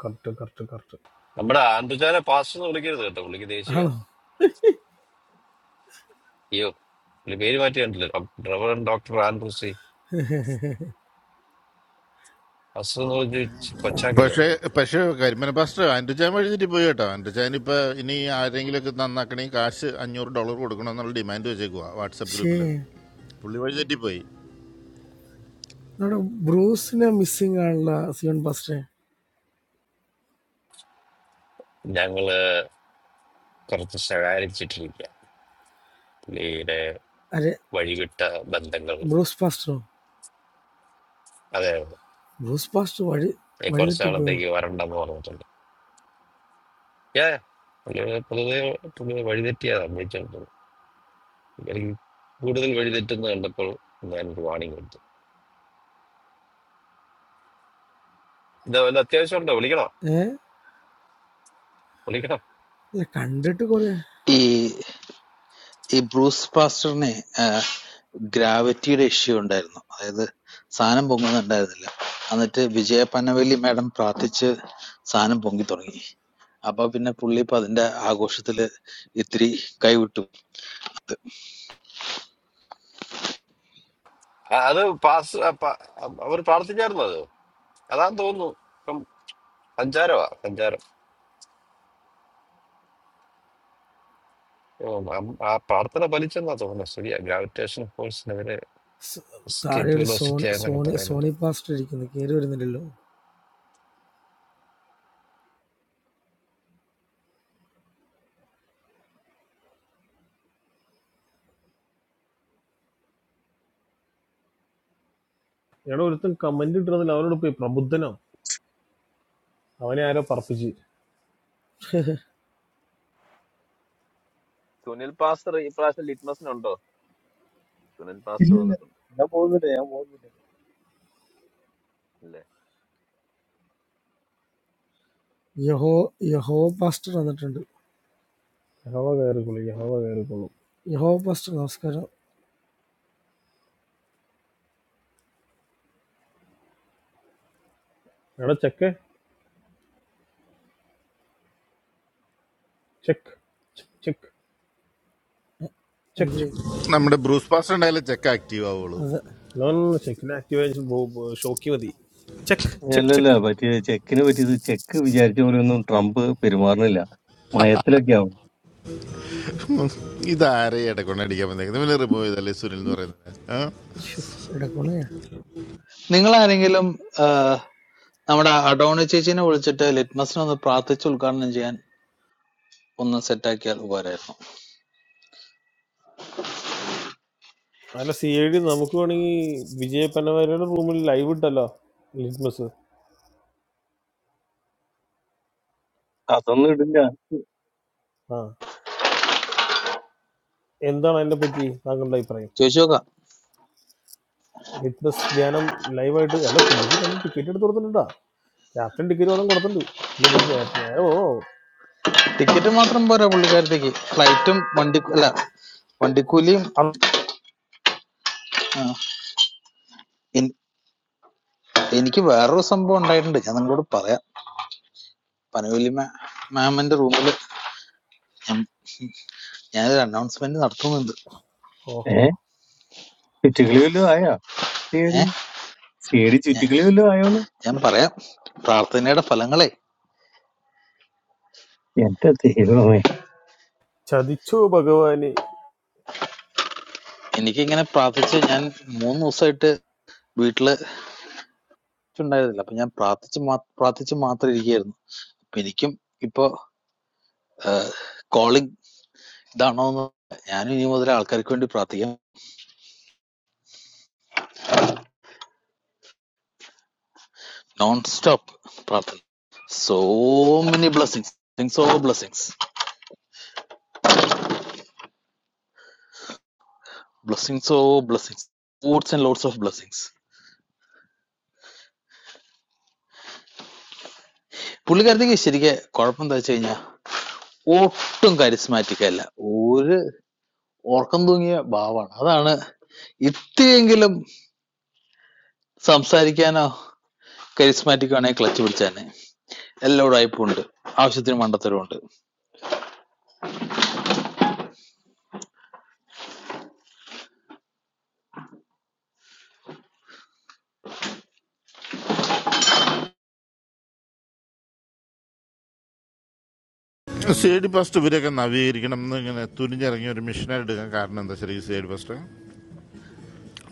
Speaker 5: Correct correct correct
Speaker 4: നമ്മുടെ ആൻഡ്രുജാനെ പാസ്റ്റർ എന്ന് വിളിക്കരുത് കേട്ടോ പുള്ളിക്ക് ദേഷ്യമാണ്
Speaker 6: No,
Speaker 4: അയ്യോ പുള്ളി പേര് മാറ്റി കണ്ടില്ല ഡ്രൈവർ ഡോക്ടർ ആൻഡ്രൂസി പാസ്റ്റർ എന്ന് പറഞ്ഞ് ഇച്ചി കൊച്ചാക്കല്ലോ
Speaker 3: പക്ഷേ പക്ഷേ കരിമന പാസ്റ്റർ ആൻഡ്രജാൻ വഴിതിട്ട് പോയി കേട്ടോ ആൻഡ്രജാൻ ഇപ്പൊ ഇനി ആരെങ്കിലുമൊക്കെ നന്നാക്കണേ കാശ് അഞ്ഞൂറ് ഡോളർ കൊടുക്കണമെന്നുള്ള ഡിമാൻഡ് വെച്ചേക്കുക വാട്സപ്പ് ഗ്രൂപ്പിൽ
Speaker 6: she.
Speaker 3: പുള്ളി വഴി തെറ്റിപ്പോയി
Speaker 6: Now Bruce is missing. All the seven pasters.
Speaker 4: ഞങ്ങള് കുറച്ച് ശകാരിച്ചിട്ടിരിക്കുക പുള്ളിയുടെ
Speaker 6: Are
Speaker 4: വഴിവിട്ട ബന്ധങ്ങൾ
Speaker 6: Bruce pastor?
Speaker 4: അതെ
Speaker 6: Bruce pastor. What? What is
Speaker 4: കുറച്ച്
Speaker 6: that type?
Speaker 4: നാളത്തേക്ക് വരണ്ടെന്ന് പറഞ്ഞിട്ടുണ്ട് Yeah. അങ്ങനെ പൊതുവെ പൊതുവെ വഴിതെറ്റിയാ സംഭവിച്ചോണ്ടത് എനിക്ക് കൂടുതൽ വഴിതെറ്റുന്ന കണ്ടപ്പോൾ ഞാൻ ഒരു വാണിംഗ് കൊടുത്തു ഇത് വല്ല അത്യാവശ്യം ഉണ്ടോ വിളിക്കണോ
Speaker 6: Eh?
Speaker 4: വിളിക്കണം
Speaker 6: The candidate Correa.
Speaker 7: ഈ ഈ ബ്രൂസ് പാസ്റ്ററിനെ ഗ്രാവിറ്റിയുടെ ഇഷ്യൂ ഉണ്ടായിരുന്നു അതായത് സാധനം പൊങ്ങുന്നുണ്ടായിരുന്നില്ല എന്നിട്ട് വിജയ പനവേലി മാഡം പ്രാർത്ഥിച്ച് സാധനം പൊങ്ങി തുടങ്ങി അപ്പൊ പിന്നെ പുള്ളി ഇപ്പൊ അതിന്റെ ആഘോഷത്തില് ഇത്തിരി കൈവിട്ടു
Speaker 4: ആ, അത് പാസ് അവർ പ്രാർത്ഥിച്ചായിരുന്നു അത് അതാന്ന് തോന്നുന്നു ഇപ്പം സഞ്ചാരമാ സഞ്ചാരം ഓ, അം- ആ പ്രാർത്ഥന ഫലിച്ചെന്നാ തോന്നുന്നു ശരിയാ ഗ്രാവിറ്റേഷൻ ഫോഴ്സിനെതിരെ escape
Speaker 6: There are
Speaker 4: velocity
Speaker 6: some
Speaker 4: ആയെന്നൊക്കെ പറയുന്നുണ്ട്
Speaker 6: Sony pasters. There are some
Speaker 5: എടാ ഒരുത്തൻ കമന്റ് ഇട്ടിരുന്നില്ല അവനോട് പോയി പ്രബുദ്ധനോ അവനെ ആരോ പറപ്പിച്ച്
Speaker 6: people.
Speaker 2: സുനിൽ പാസ്റ്റർ ഈ പ്രാവശ്യം ലിറ്റ്മസിനുണ്ടോ? സുനിൽ പാസ്റ്റർ
Speaker 8: ഇല്ലില്ല
Speaker 2: വന്നിട്ടുണ്ട്.
Speaker 8: ഞാൻ പോകുന്നില്ല ഞാൻ പോകുന്നില്ല
Speaker 6: Yahov Yahov pastor. That's true.
Speaker 5: യഹോവ കയറിക്കൊള്ളു യഹോവ കയറിക്കൊള്ളു
Speaker 6: Yahov pastor, Oscar.
Speaker 5: എടാ check check check
Speaker 6: And
Speaker 5: check
Speaker 6: the
Speaker 3: നമ്മുടെ ബ്രൂസ് പാസ്റ്റർ ഉണ്ടായാലേ ചെക്ക് ആക്റ്റീവ് ആവുള്ളൂ
Speaker 6: other, that,
Speaker 5: നോൺ ചെക്കിന് ആക്ടിവേഷൻ ഷോക്കി മതി ചെക്ക് ചെക്ക്
Speaker 8: അല്ലല്ല
Speaker 5: ചെക്ക്
Speaker 8: പറ്റിയ ചെക്കിന് പറ്റിയത് ചെക്ക് വിചാരിച്ച പോലെ ഒന്നും ട്രംപ് പെരുമാറുന്നില്ല മയത്തിലൊക്കെ ആവും
Speaker 3: ഇതാരെ ഇടക്കൊണ്ടടിക്കാൻ വന്നേക്കുന്നത് ഇവനെ റിമൂവ് ചെയ്തല്ലേ സുനിൽ എന്ന് പറയുന്നത്
Speaker 6: shoot, it's a cone, yeah.
Speaker 7: നിങ്ങൾ ആരെങ്കിലും ആഹ്, നമ്മുടെ അഡോണി ചേച്ചിനെ വിളിച്ചിട്ട് ലിറ്റ്മസിനെ ഒന്ന് പ്രാർത്ഥിച്ച് ഉദ്ഘാടനം ചെയ്യാൻ ഒന്ന് സെറ്റാക്കിയാൽ ഉപകാരമായിരുന്നു
Speaker 5: അല്ല സി ഐ ഡി നമുക്ക് വേണമെങ്കിൽ വിജയ പനവാരിയുടെ റൂമിൽ ലൈവ് ഇട്ടല്ലോ ലിറ്റ്മസ്
Speaker 8: അതൊന്നും ഇടില്ല
Speaker 5: ആ എന്താണ് അതിനെ പറ്റി താങ്കളുടെ അഭിപ്രായം
Speaker 7: ചോദിച്ചു നോക്കാം
Speaker 5: ലിറ്റ്മസ് ധ്യാനം ലൈവായിട്ട് അല്ല പുള്ളിക്ക് രണ്ട് ടിക്കറ്റ് എടുത്ത് കൊടുത്തിട്ടുണ്ടാ ക്യാപ്റ്റൻ ടിക്കറ്റ് പോലും കൊടുത്തിട്ടുണ്ട് പുള്ളി ഇതിന് നേരെ നേരെ ഓ
Speaker 7: ടിക്കറ്റ് മാത്രം പോരാ പുള്ളിക്കാരത്തേക്ക് ഫ്ലൈറ്റും വണ്ടി അല്ല വണ്ടിക്കൂലിയും
Speaker 5: അ-
Speaker 7: എനിക്ക് വേറൊരു സംഭവം ഉണ്ടായിട്ടുണ്ട് ഞാൻ നിങ്ങളോട് പറയാം പനവല്ലി മാമിന്റെ റൂമിൽ ഞാൻ ഞാനൊരു അനൗൺസ്മെന്റ് നടത്തുന്നുണ്ട്
Speaker 8: ഏ
Speaker 5: ഓഹോ
Speaker 8: ചുറ്റിക്കളി വല്ലതും ആയാ
Speaker 7: ഏ
Speaker 8: തേടി തേടി ചുറ്റിക്കളി വല്ലതും ആയോന്ന്
Speaker 7: ഞാൻ പറയാം പ്രാർത്ഥനയുടെ ഫലങ്ങളെ
Speaker 8: എന്റെ ദൈവമേ
Speaker 5: ചതിച്ചു ഭഗവാന്
Speaker 7: എനിക്ക് ഇങ്ങനെ പ്രാർത്ഥിച്ച് ഞാൻ മൂന്ന് ദിവസമായിട്ട് വീട്ടില് ഉണ്ടായിരുന്നില്ല അപ്പൊ ഞാൻ പ്രാർത്ഥിച്ച് മാ- പ്രാർത്ഥിച്ച് മാത്രം ഇരിക്കുകയായിരുന്നു അപ്പൊ എനിക്കും ഇപ്പൊ കോളിംഗ് ഇതാണോ എന്ന് ഞാനും ഇനി മുതൽ ആൾക്കാർക്ക് വേണ്ടി പ്രാർത്ഥിക്കാം നോൺ സ്റ്റോപ്പ് പ്രാർത്ഥന so many blessings so blessings ബ്ലെസ്സിങ്സോ blessings lots and lots of blessings പുള്ളിക്കാരത്തേക്ക് ശരിക്കും കുഴപ്പം എന്താ വെച്ച് കഴിഞ്ഞാൽ ഒട്ടും കരിസ്മാറ്റിക് അല്ല ഒരു ഓർക്കം തൂങ്ങിയ ഭാവമാണ് അതാണ് ഇത്തിരിയെങ്കിലും സംസാരിക്കാനോ കരിസ്മാറ്റിക് ആണെങ്കിൽ ക്ലച്ച് പിടിച്ചാനെ എല്ലാവരും അയപ്പുണ്ട് ആവശ്യത്തിന് മണ്ടത്തരമുണ്ട്
Speaker 3: സേഡി പാസ്റ്റ് ഇവരെയൊക്കെ നവീകരിക്കണം എന്ന് ഇങ്ങനെ തുനിഞ്ഞിറങ്ങിയ ഒരു മിഷനായിട്ട് എടുക്കാൻ കാരണം എന്താ ശരി സേഡി പാസ്റ്റ്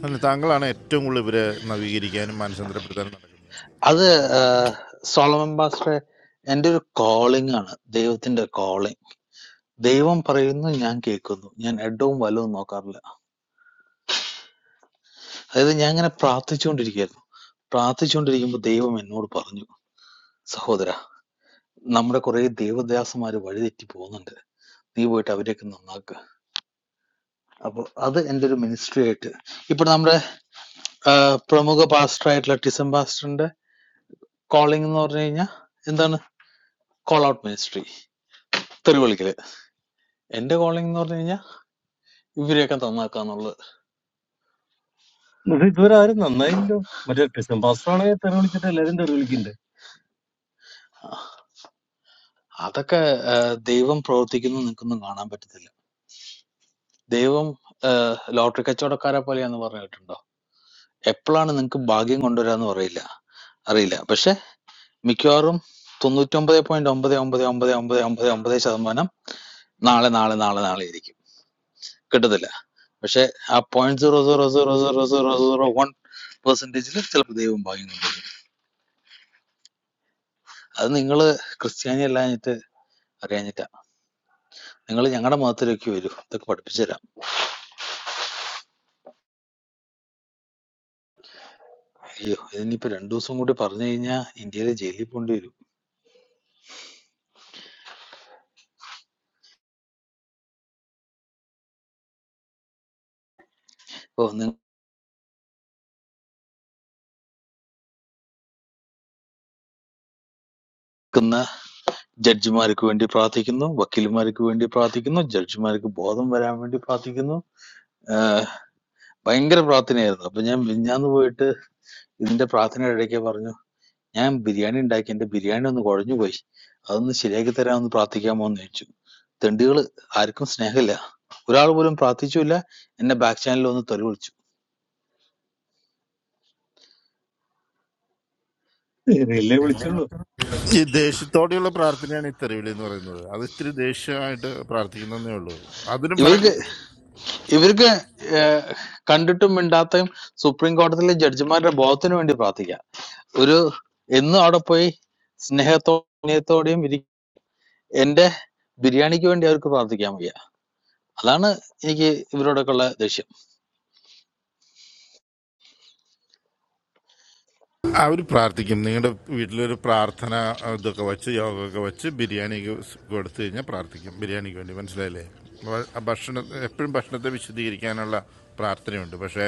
Speaker 3: അല്ല താങ്കളാണ് ഏറ്റവും കൂടുതൽ ഇവരെ നവീകരിക്കാനും മാനസാന്തരപ്പെടുത്താനും നടക്കുന്നത്
Speaker 7: അത് സോളമൻ ബാസ്റ്ററെ എൻ്റെ ഒരു കോളിംഗ് ആണ് ദൈവത്തിന്റെ കോളിംഗ് ദൈവം പറയുന്നു ഞാൻ കേൾക്കുന്നു ഞാൻ എഡവും വലവും നോക്കാറില്ല അതായത് ഞാൻ ഇങ്ങനെ പ്രാർത്ഥിച്ചുകൊണ്ടിരിക്കുകയായിരുന്നു പ്രാർത്ഥിച്ചുകൊണ്ടിരിക്കുമ്പോൾ ദൈവം എന്നോട് പറഞ്ഞു സഹോദര നമ്മുടെ കുറെ ദേവദാസന്മാര് വഴിതെറ്റി പോകുന്നുണ്ട് നീ പോയിട്ട് അവരെയൊക്കെ നന്നാക്കുക അപ്പൊ അത് എൻ്റെ ഒരു മിനിസ്ട്രി ആയിട്ട് ഇപ്പൊ നമ്മുടെ ആ, പ്രമുഖ പാസ്റ്റർ ആയിട്ടുള്ള ടിസം പാസ്റ്ററിന്റെ കോളിംഗ് എന്ന് പറഞ്ഞു കഴിഞ്ഞാൽ എന്താണ് കോൾ ഔട്ട് മിനിസ്ട്രി തെരുവിളിക്കല് എന്റെ കോളിംഗ് എന്ന് പറഞ്ഞു കഴിഞ്ഞാൽ ഇവരെയൊക്കെ നന്നാക്കുക എന്നുള്ളത്
Speaker 8: ഇത് ഇതുവരെ ആരും നന്നായില്ലോ മറ്റേ ക്രിസ്ത്യൻ പാസ്റ്റർ ആണെങ്കിൽ തെറി വിളിച്ചിട്ട് എല്ലാരും തെറി വിളിക്കുന്നുണ്ട്
Speaker 7: ആ, അതൊക്കെ ആ, ദൈവം പ്രവർത്തിക്കുന്നു നിങ്ങൾക്കൊന്നും കാണാൻ പറ്റത്തില്ല ദൈവം ലോട്ടറി കച്ചവടക്കാരെ പോലെയാന്ന് പറഞ്ഞു കേട്ടിട്ടുണ്ടോ എപ്പോഴാണ് നിങ്ങൾക്ക് ഭാഗ്യം കൊണ്ടുവരാന്ന് പറയില്ല അറിയില്ല പക്ഷെ മിക്കവാറും തൊണ്ണൂറ്റൊമ്പത് പോയിന്റ് ഒമ്പത് ഒമ്പത് ഒമ്പത് ഒമ്പത് ഒമ്പത് ഒമ്പത് ശതമാനം നാളെ നാളെ നാളെ നാളെ ആയിരിക്കും കിട്ടത്തില്ല പക്ഷെ ആ point zero zero zero zero zero zero one പെർസെന്റേജിൽ ചിലപ്പോൾ ദൈവം ഭാഗ്യം കൊണ്ടുവരും അത് നിങ്ങൾ ക്രിസ്ത്യാനി അല്ലാഞ്ഞിട്ട് അറിയാഞ്ഞിട്ടാ നിങ്ങൾ ഞങ്ങളുടെ മതത്തിലേക്ക് വരൂ ഇതൊക്കെ പഠിപ്പിച്ചു തരാം അയ്യോ ഇതിനിപ്പോ രണ്ടു ദിവസം കൂടി പറഞ്ഞു കഴിഞ്ഞാൽ ഇന്ത്യയിലെ ജയിലിൽ പോകേണ്ടി വരും ഓ നിൽക്കുന്ന ജഡ്ജിമാർക്ക് വേണ്ടി പ്രാർത്ഥിക്കുന്നു വക്കീലുമാർക്ക് വേണ്ടി പ്രാർത്ഥിക്കുന്നു ജഡ്ജിമാർക്ക് ബോധം വരാൻ വേണ്ടി പ്രാർത്ഥിക്കുന്നു ഭയങ്കര പ്രാർത്ഥനയായിരുന്നു അപ്പൊ ഞാൻ മിഞ്ഞാന്ന് പോയിട്ട് ഇതിന്റെ പ്രാർത്ഥനയുടെ ഇടയ്ക്ക് പറഞ്ഞു ഞാൻ ബിരിയാണി ഉണ്ടാക്കി എന്റെ ബിരിയാണി ഒന്ന് കുഴഞ്ഞു പോയി അതൊന്ന് ശരിയാക്കി തരാമെന്ന് പ്രാർത്ഥിക്കാമോ എന്ന് ചോദിച്ചു തെണ്ടികൾ ആർക്കും സ്നേഹമില്ല ഒരാൾ പോലും പ്രാർത്ഥിച്ചില്ല എന്നെ ബാക്ക് ചാനലിൽ ഒന്ന് തെറി വിളിച്ചു
Speaker 8: തെറിയല്ലേ വിളിച്ചുള്ളൂ
Speaker 3: ഈ ദേഷ്യത്തോടെയുള്ള പ്രാർത്ഥനയാണ് ഈ തെരുവിളി എന്ന് പറയുന്നത് അത് ഇത്തിരി ദേഷ്യമായിട്ട് പ്രാർത്ഥിക്കുന്നതേ ഉള്ളൂ അതിനും ഫലം
Speaker 7: ഇവർക്ക്
Speaker 3: കിട്ടും
Speaker 7: ഇവർക്ക് ഏഹ്, കണ്ടിട്ടും മിണ്ടാത്തയും സുപ്രീം കോടതിയിലെ ജഡ്ജിമാരുടെ ബോധത്തിന് വേണ്ടി പ്രാർത്ഥിക്കുക ഒരു എന്നും അവിടെ പോയി സ്നേഹത്തോടെയും ഇരി- എന്റെ ബിരിയാണിക്ക് വേണ്ടി അവർക്ക് പ്രാർത്ഥിക്കാൻ വയ്യ അതാണ് എനിക്ക് ഇവരോടൊക്കെ ഉള്ള ദേഷ്യം
Speaker 3: അവർ പ്രാർത്ഥിക്കും നിങ്ങളുടെ വീട്ടിലൊരു പ്രാർത്ഥന ഇതൊക്കെ വെച്ച് യോഗമൊക്കെ വെച്ച് ബിരിയാണിക്ക് കൊടുത്തു കഴിഞ്ഞാൽ പ്രാർത്ഥിക്കും ബിരിയാണിക്ക് വേണ്ടി മനസ്സിലായില്ലേ വ- ആ ഭക്ഷണ എപ്പോഴും ഭക്ഷണത്തെ വിശദീകരിക്കാനുള്ള പ്രാർത്ഥനയുണ്ട് പക്ഷേ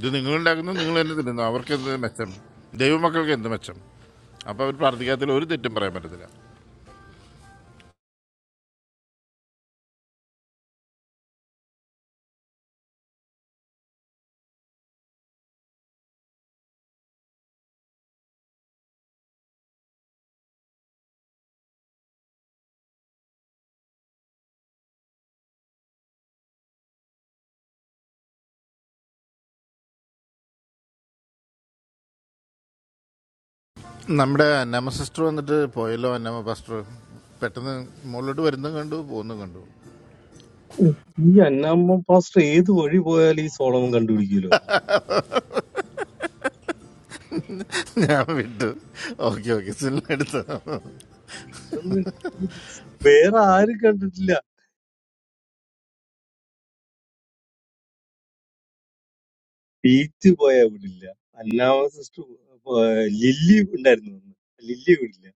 Speaker 3: ഇത് നിങ്ങളുണ്ടാക്കുന്നത് നിങ്ങൾ തന്നെ തിന്നുന്നു അവർക്ക് എന്ത് മെച്ചം ദൈവമക്കൾക്ക് എന്ത് മെച്ചം അപ്പോൾ അവർ പ്രാർത്ഥിക്കാത്തതിൽ ഒരു തെറ്റും പറയാൻ പറ്റത്തില്ല നമ്മുടെ അന്നമ്മ സിസ്റ്റർ വന്നിട്ട് പോയല്ലോ അന്നമ്മ പാസ്റ്റർ പെട്ടെന്ന് മുകളിലോട്ട് വരുന്നതും കണ്ടു പോകുന്നതും കണ്ടു
Speaker 8: ഈ അന്നാമ്മ പാസ്റ്റർ ഏത് വഴി പോയാലും ഈ സോളമൻ കണ്ടുപിടിക്കുമല്ലോ
Speaker 3: ഞാൻ വിട്ടു ഓക്കെ ഓക്കെ സിനിമ എടുത്തു
Speaker 8: ഇതൊന്നും വേറെ ആരും കണ്ടിട്ടില്ല ബീച്ച് പോയാൽ വിടില്ല അന്നാമ സിസ്റ്റർ ലില്ലി ഉണ്ടായിരുന്നു അന്ന്. ലില്ലി വിടില്ല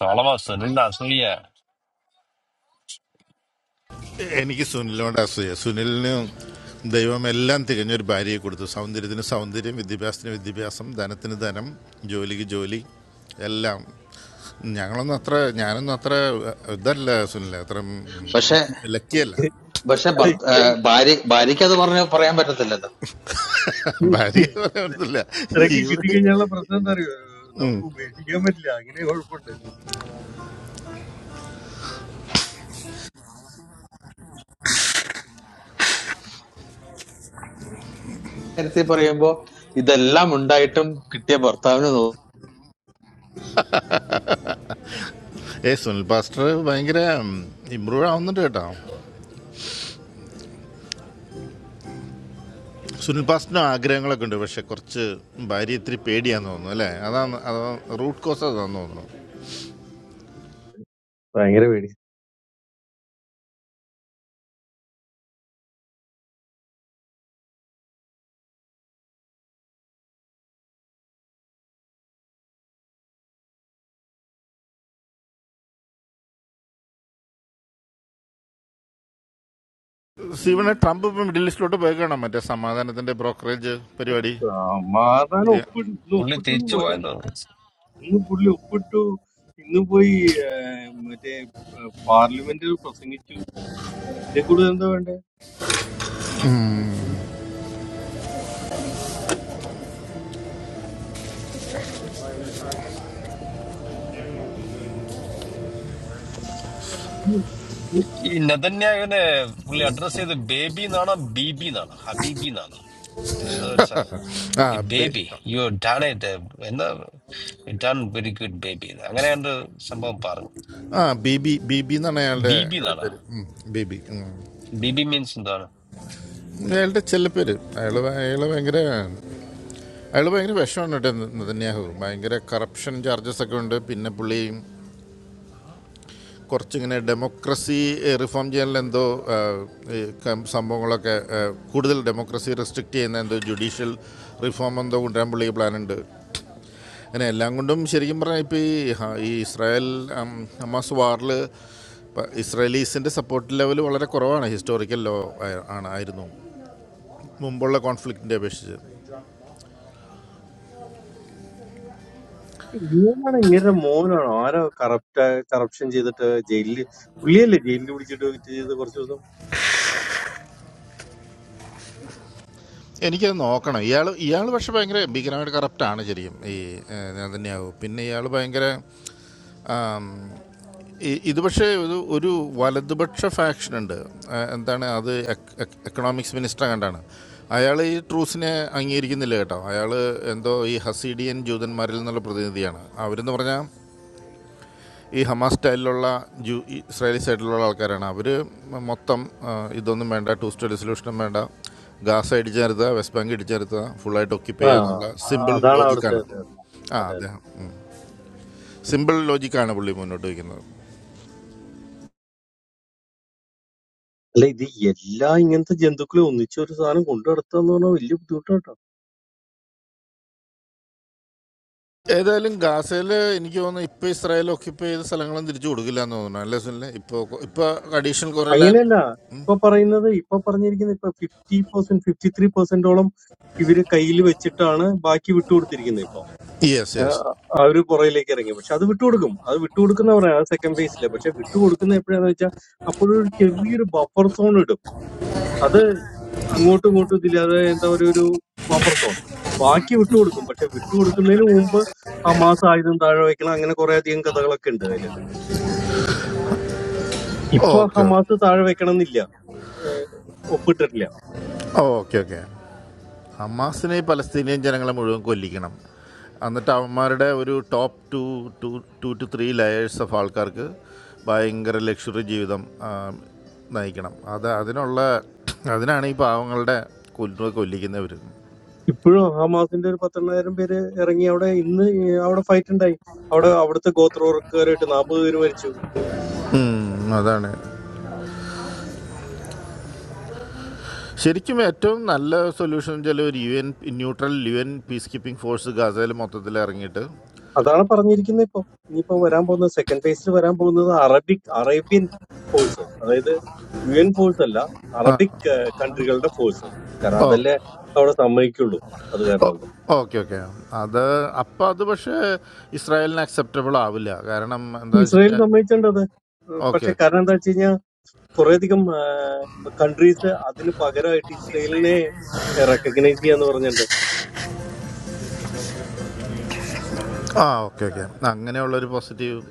Speaker 4: സോളമോ സുനിൽ അസൂയ
Speaker 3: എനിക്ക് സുനിലിനോട് അസൂയ സുനിലിന് ദൈവം എല്ലാം തികഞ്ഞൊരു ഭാര്യയെ കൊടുത്തു സൗന്ദര്യത്തിന് സൗന്ദര്യം വിദ്യാഭ്യാസത്തിന് വിദ്യാഭ്യാസം ധനത്തിന് ധനം ജോലിക്ക് ജോലി എല്ലാം ഞങ്ങളൊന്നും അത്ര ഞാനൊന്നും അത്ര ഇതല്ല സുനിൽ അത്ര
Speaker 7: പക്ഷെ
Speaker 8: ഉം.
Speaker 3: ലക്കിയല്ല
Speaker 7: പക്ഷെ
Speaker 8: അല്ല
Speaker 7: ഭർത്ത- ആ,
Speaker 8: ഇത്രയും
Speaker 7: ഭാര്യ
Speaker 8: അല്ല,
Speaker 7: ഭാര്യയ്ക്ക് അത് പറഞ്ഞ പറയാൻ പറ്റത്തില്ലല്ലോ
Speaker 3: ഭാര്യ
Speaker 8: അല്ല,
Speaker 3: പറയാനില്ല
Speaker 8: ഇത്രയൊക്കെ കിട്ടിക്കഴിഞ്ഞാലുള്ള പ്രശ്നം എന്താ അറിയോ നമുക്ക് ഉപേക്ഷിക്കാൻ പറ്റില്ല അങ്ങനെ കുഴപ്പമുണ്ട് ഉം.
Speaker 7: നേരത്തെ പറയുമ്പോ ഇതെല്ലാം ഉണ്ടായിട്ടും കിട്ടിയ ഭർത്താവിന് നോ-
Speaker 3: ഏ സുനിൽ പാസ്റ്റർ ഭയങ്കര ഇമ്പ്രൂവ് ആവുന്നുണ്ട് കേട്ടോ സുനിൽ പാസ്റ്ററിന് ആഗ്രഹങ്ങളൊക്കെ ഉണ്ട് പക്ഷെ കുറച്ച് ഭാര്യ ഇത്തിരി പേടിയാന്ന് തോന്നുന്നു അല്ലേ അതാണ് അതാ റൂട്ട് കോസ് അതാന്ന് തോന്നുന്നു
Speaker 8: ഭയങ്കര പേടി
Speaker 3: സീവനെ ട്രംപ് ഇപ്പൊ മിഡിൽ ഈസ്റ്റിലോട്ട് പോയേക്കാണോ മറ്റേ സമാധാനത്തിന്റെ ബ്രോക്കറേജ് പരിപാടി
Speaker 8: സമാധാനം
Speaker 3: ഇത്.
Speaker 8: ഒപ്പിട്ടു ഇന്ന്
Speaker 4: പുള്ളി
Speaker 8: ഒപ്പിട്ടത്
Speaker 4: തിരിച്ചു
Speaker 8: പോലെ
Speaker 4: പോയെന്ന്
Speaker 8: ഇന്ന് പുള്ളി ഒപ്പിട്ടു ഇന്ന് പോയി ആ, മറ്റേ പാർലമെന്റിൽ പ്രസംഗിച്ചു ഇതേ കൂടുതൽ എന്താ വേണ്ടേ
Speaker 4: ഈ നെതന്യാഹുവിനെ പുള്ളി അഡ്രസ് ചെയ്ത് ബേബി എന്നാണോ ബീബി എന്നാണോ ഹബീബി എന്നാണോ ഏതോ ഒരു സാധനം
Speaker 3: ആ
Speaker 4: ഈ
Speaker 3: ബെ-
Speaker 4: ബേബി യു ഡൺ ഇറ്റ് എന്താ ഡൺ വെരി ഗുഡ് ബേബി അങ്ങനെ കണ്ട് സംഭവം പറഞ്ഞു
Speaker 3: ആ ബിബി ബിബി എന്നാണ് അയാളുടെ
Speaker 4: ബീബി എന്നാണോ
Speaker 3: കളിപ്പേര് ഉം, ബിബി ഉം.
Speaker 4: ബീബി മീൻസ് എന്താണ്
Speaker 3: അയാളുടെ ചെല്ലപ്പേര് അയാള് ഭ- അയാള് ഭയങ്കര അയാള് ഭയങ്കര വിഷമാണ് കേട്ടോ നെതന്യാഹു ഭയങ്കര കറപ്ഷൻ ചാർജസ് ഒക്കെ ഉണ്ട് പിന്നെ പുള്ളി കുറച്ചിങ്ങനെ ഡെമോക്രസി റിഫോം ചെയ്യാനുള്ള എന്തോ ആ, ഈ കം- സംഭവങ്ങളൊക്കെ ആ, കൂടുതൽ ഡെമോക്രസി റെസ്ട്രിക്റ്റ് ചെയ്യുന്ന എന്തോ ജുഡീഷ്യൽ റിഫോം എന്തോ കൊണ്ടുവരാൻ പുള്ളി പ്ലാനുണ്ട് അങ്ങനെ എല്ലാം കൊണ്ടും ശരിക്കും പറഞ്ഞാൽ ഇപ്പോൾ ഈ ഹ- ഈ ഇസ്രായേൽ ഉം, ഹമാസ് വാറിൽ ഇസ്രായേലീസിൻ്റെ സപ്പോർട്ട് ലെവൽ വളരെ കുറവാണ് ഹിസ്റ്റോറിക്കൽ ലോ ആയ- ആണ് ആയിരുന്നു മുമ്പുള്ള കോൺഫ്ലിക്റ്റിൻ്റെ അപേക്ഷിച്ച്
Speaker 8: ഇവനാണ് ഇവരുടെ മോനാണ് ആരോ കറപ്റ്റ് കറപ്ഷൻ ചെയ്തിട്ട് ജയിലിൽ പുള്ളിയല്ലേ ജയിലിൽ പിടിച്ചിട്ട് ഇത് ചെയ്ത് കുറച്ച് ദിവസം
Speaker 3: എനിക്കത് നോക്കണം ഇയാൾ ഇയാൾ പക്ഷെ ഭയങ്കര ഭീകരമായിട്ട് കറപ്റ്റാണ് ശരിയും ഈ ഏഹ്, നെതന്യാഹു പിന്നെ ഇയാൾ ഭയങ്കര ആം, ഇ- ഇത് പക്ഷേ ഒരു ഒരു വലതുപക്ഷ ഫാക്ഷൻ ഉണ്ട് ആ, എന്താണ് അത് എക്- എക്- എക്കണോമിക്സ് മിനിസ്റ്റർ കണ്ടാണ് അയാൾ ഈ ട്രൂസിനെ അംഗീകരിക്കുന്നില്ല കേട്ടോ അയാൾ എന്തോ ഈ ഹസീഡിയൻ ജൂതന്മാരിൽ നിന്നുള്ള പ്രതിനിധിയാണ് അവരെന്ന് പറഞ്ഞാൽ ഈ ഹമാസ് സ്റ്റൈലിലുള്ള ജൂ ഈ ഇസ്രായേലി സൈഡിലുള്ള ആൾക്കാരാണ് അവർ മൊത്തം ആ, ഇതൊന്നും വേണ്ട ടു സ്റ്റേറ്റ് സൊല്യൂഷനും വേണ്ട ഗാസ ഇടിച്ചു നിർത്തുക വെസ്റ്റ് ബാങ്ക് ഇടിച്ചു നിർത്തുക ഫുള്ളായിട്ട് ഒക്കിപ്പ്
Speaker 8: ആ
Speaker 3: ചെയ്യുക എന്നുള്ള
Speaker 8: ആ,
Speaker 3: സിമ്പിൾ
Speaker 8: അതാണ് അവിടുത്തെ
Speaker 3: ലോജിക്കാണ്
Speaker 8: ഇത്.
Speaker 3: ആ
Speaker 8: അതെ അതെ
Speaker 3: അദ്ദേഹം സിമ്പിൾ ലോജിക്കാണ് പുള്ളി മുന്നോട്ട് വയ്ക്കുന്നത്
Speaker 8: അല്ല ഇത് എല്ലാ ഇങ്ങനത്തെ ജന്തുക്കളെ ഒന്നിച്ച് ഒരു സാധനം കൊണ്ടു നടത്തുക പറഞ്ഞാൽ വലിയ ബുദ്ധിമുട്ടാട്ടോ
Speaker 3: ഏതായാലും ഗാസയിൽ എനിക്ക് തോന്നുന്നു ഇപ്പോൾ ഇസ്രായേൽ ഓക്യുപ്പൈ ചെയ്ത സ്ഥലങ്ങളും തിരിച്ചു കൊടുക്കില്ല എന്ന് തോന്നുന്നു അല്ലേ സുനിലെ ഇപ്പോൾ ഇപ്പോൾ അഡീഷണൽ കുറേ ലാൻഡ്
Speaker 8: അങ്ങനെയല്ല ഇപ്പൊ പറയുന്നത് ഇപ്പൊ പറഞ്ഞിരിക്കുന്നത് ഇപ്പൊ ഫിഫ്റ്റി പെർസെന്റ് ഫിഫ്റ്റി ത്രീ പെർസെന്റോളം ഇവര് കയ്യിൽ വെച്ചിട്ടാണ് ബാക്കി വിട്ടുകൊടുത്തിരിക്കുന്നത് ഇപ്പൊ
Speaker 3: യെസ് യെസ്
Speaker 8: ആ- ആ ഒരു പുറയിലേക്ക് ഇറങ്ങി പക്ഷെ അത് വിട്ടുകൊടുക്കും അത് വിട്ടുകൊടുക്കുന്നവരാണ് അത് സെക്കൻഡ് ഫേസിലെ പക്ഷെ വിട്ടുകൊടുക്കുന്ന എപ്പോഴാന്ന് വെച്ചാൽ അപ്പോഴൊരു ചെറിയൊരു ബഫർ സോൺ ഇടും അത് അങ്ങോട്ടും ഇങ്ങോട്ടും ഇതില്ലാതെ എന്താ ഒരു ഒരു ബഫർ സോൺ ബാക്കി വിട്ടുകൊടുക്കും പക്ഷെ വിട്ടുകൊടുക്കുന്നതിന് മുമ്പ് ഹമാസ് ആയുധം താഴെ വെക്കണം അങ്ങനെ കുറെ അധികം കഥകളൊക്കെ ഉണ്ട് അതില് ഇപ്പൊ
Speaker 3: ഓക്കെ
Speaker 8: ഹമാസ് താഴെ വെക്കണം എന്നില്ല ഏഹ് ഒപ്പിട്ടിട്ടില്ല
Speaker 3: ഓക്കെ ഓക്കെ ഹമാസിനെ ഈ പലസ്തീനിയൻ ജനങ്ങളെ മുഴുവൻ കൊല്ലിക്കണം എന്നിട്ട് അവന്മാരുടെ ഒരു top two two two two three layers of ആൾക്കാർക്ക് ഭയങ്കര ലക്ഷറി ജീവിതം ആ, നയിക്കണം അത് അതിനുള്ള അതിനാണ് ഈ പാവങ്ങളുടെ കൊല്ലുക കൊല്ലിക്കുന്നവർ
Speaker 8: ഇപ്പോഴും ഹമാസിന്റെ ഒരു പത്തെണ്ണായിരം പേര് ഇറങ്ങി അവിടെ ഇന്ന് അവിടെ ഫൈറ്റ് ഉണ്ടായി അവിടെ അവിടുത്തെ ഗോത്രവർഗക്കാരായിട്ട് നാൽപ്പത് പേര് മരിച്ചു
Speaker 3: അതാണ് ശരിക്കും ഏറ്റവും നല്ല സൊല്യൂഷൻ എന്ന് വെച്ചാൽ ഒരു U N neutral U N peacekeeping force ഗാസയിൽ മൊത്തത്തിൽ ഇറങ്ങിയിട്ട്
Speaker 8: അതാണ് പറഞ്ഞിരിക്കുന്നത് ഇപ്പൊ ഇനിയിപ്പോ വരാൻ പോകുന്നത് സെക്കൻഡ് ഫേസിൽ വരാൻ പോകുന്നത് അറബിക് അറേബ്യൻ ഫോഴ്സ് അതായത് യു എൻ ഫോഴ്സ് അല്ല അറബിക് കൺട്രികളുടെ ഫോഴ്സ് കാരണം അതല്ലേ അവിടെ സമ്മതിക്കുള്ളൂ അത് കാരണം
Speaker 3: ഓക്കെ
Speaker 8: കൊണ്ട്
Speaker 3: ഓക്കെ ഓക്കെ അത് അപ്പം അത് പക്ഷേ ഇസ്രായേലിന് അക്സെപ്റ്റബിൾ ആവില്ല കാരണം എന്താണെന്ന് വെച്ച്
Speaker 8: ഇസ്രായേൽ
Speaker 3: കഴിഞ്ഞാൽ
Speaker 8: സമ്മതിച്ചിട്ടുണ്ട് അത് ഉം,
Speaker 3: ഓക്കെ
Speaker 8: പക്ഷെ കാരണം എന്താ വെച്ച് കഴിഞ്ഞാൽ കുറേയധികം കൺട്രീസ് അതിന് പകരമായിട്ട് ഇസ്രായേലിനെ റെക്കഗ്നൈസ് ചെയ്യാന്ന് പറഞ്ഞിട്ടുണ്ട്
Speaker 3: ആ ഓക്കെ ഓക്കെ അങ്ങനെയുള്ളൊരു പോസിറ്റീവ്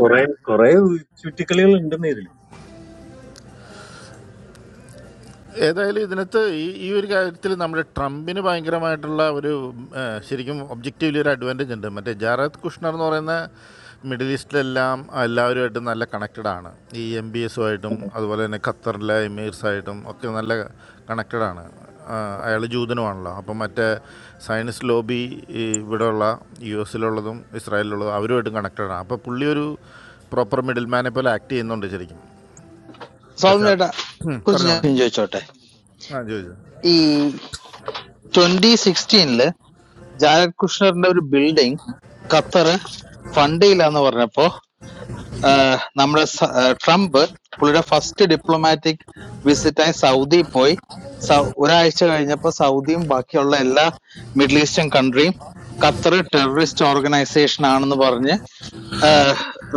Speaker 8: കുറെ കുറെ ചുറ്റിക്കളികൾ ഉണ്ടെന്ന് ഇതില്
Speaker 3: ഏതായാലും ഇതിനകത്ത് ഈ ഈ ഒരു കാര്യത്തിൽ നമ്മുടെ ട്രംപിന് ഭയങ്കരമായിട്ടുള്ള ഒരു ആ, ശരിക്കും ഒബ്ജക്റ്റീവ്ലി ഒരു അഡ്വാൻറ്റേജ് ഉണ്ട് മറ്റേ ജാറത് കുഷ്ണർ എന്ന് പറയുന്ന മിഡിൽ ഈസ്റ്റിലെല്ലാം എല്ലാവരുമായിട്ടും നല്ല കണക്റ്റഡ് ആണ് ഈ എം ബി എസുമായിട്ടും അതുപോലെ തന്നെ ഖത്തറിലെ എമീർസായിട്ടും ഒക്കെ നല്ല കണക്റ്റഡ് ആണ് അയാൾ ജൂതനുമാണല്ലോ അപ്പം മറ്റേ സയൻസ് ലോബി ഈ ഇവിടെയുള്ള യു എസിലുള്ളതും ഇസ്രായേലിലുള്ളതും അവരുമായിട്ടും കണക്റ്റഡ് ആണ് അപ്പോൾ പുള്ളി ഒരു പ്രോപ്പർ മിഡിൽ മാനെ പോലെ ആക്ട് ചെയ്യുന്നുണ്ട് ശരിക്കും പക്ഷേ
Speaker 7: സ്വാമി
Speaker 3: അത്-
Speaker 7: ചേട്ടാ
Speaker 3: ഉം,
Speaker 7: കുറിച്ച്
Speaker 3: പറഞ്ഞോ
Speaker 7: ഞാൻ
Speaker 3: മോനെ.
Speaker 7: ചോദിച്ചോട്ടെ
Speaker 3: ആ ചോദിച്ചു
Speaker 7: ഈ ട്വന്റി സിക്സ്റ്റീനില് ജാരദ് കുഷ്ണറിന്റെ ഒരു ബിൽഡിംഗ് ഖത്തർ ഫണ്ട് ചെയ്യില്ല എന്ന് പറഞ്ഞപ്പോ ആഹ് നമ്മുടെ സ- ആഹ് ട്രംപ് പുള്ളിയുടെ ഫസ്റ്റ് ഡിപ്ലോമാറ്റിക് വിസിറ്റായി സൗദി പോയി സൗ- ഒരാഴ്ച കഴിഞ്ഞപ്പോൾ സൗദിയും ബാക്കിയുള്ള എല്ലാ മിഡിൽ ഈസ്റ്റേൺ കൺട്രിയും ഖത്തർ ടെററിസ്റ്റ് ഓർഗനൈസേഷൻ ആണെന്ന് പറഞ്ഞ്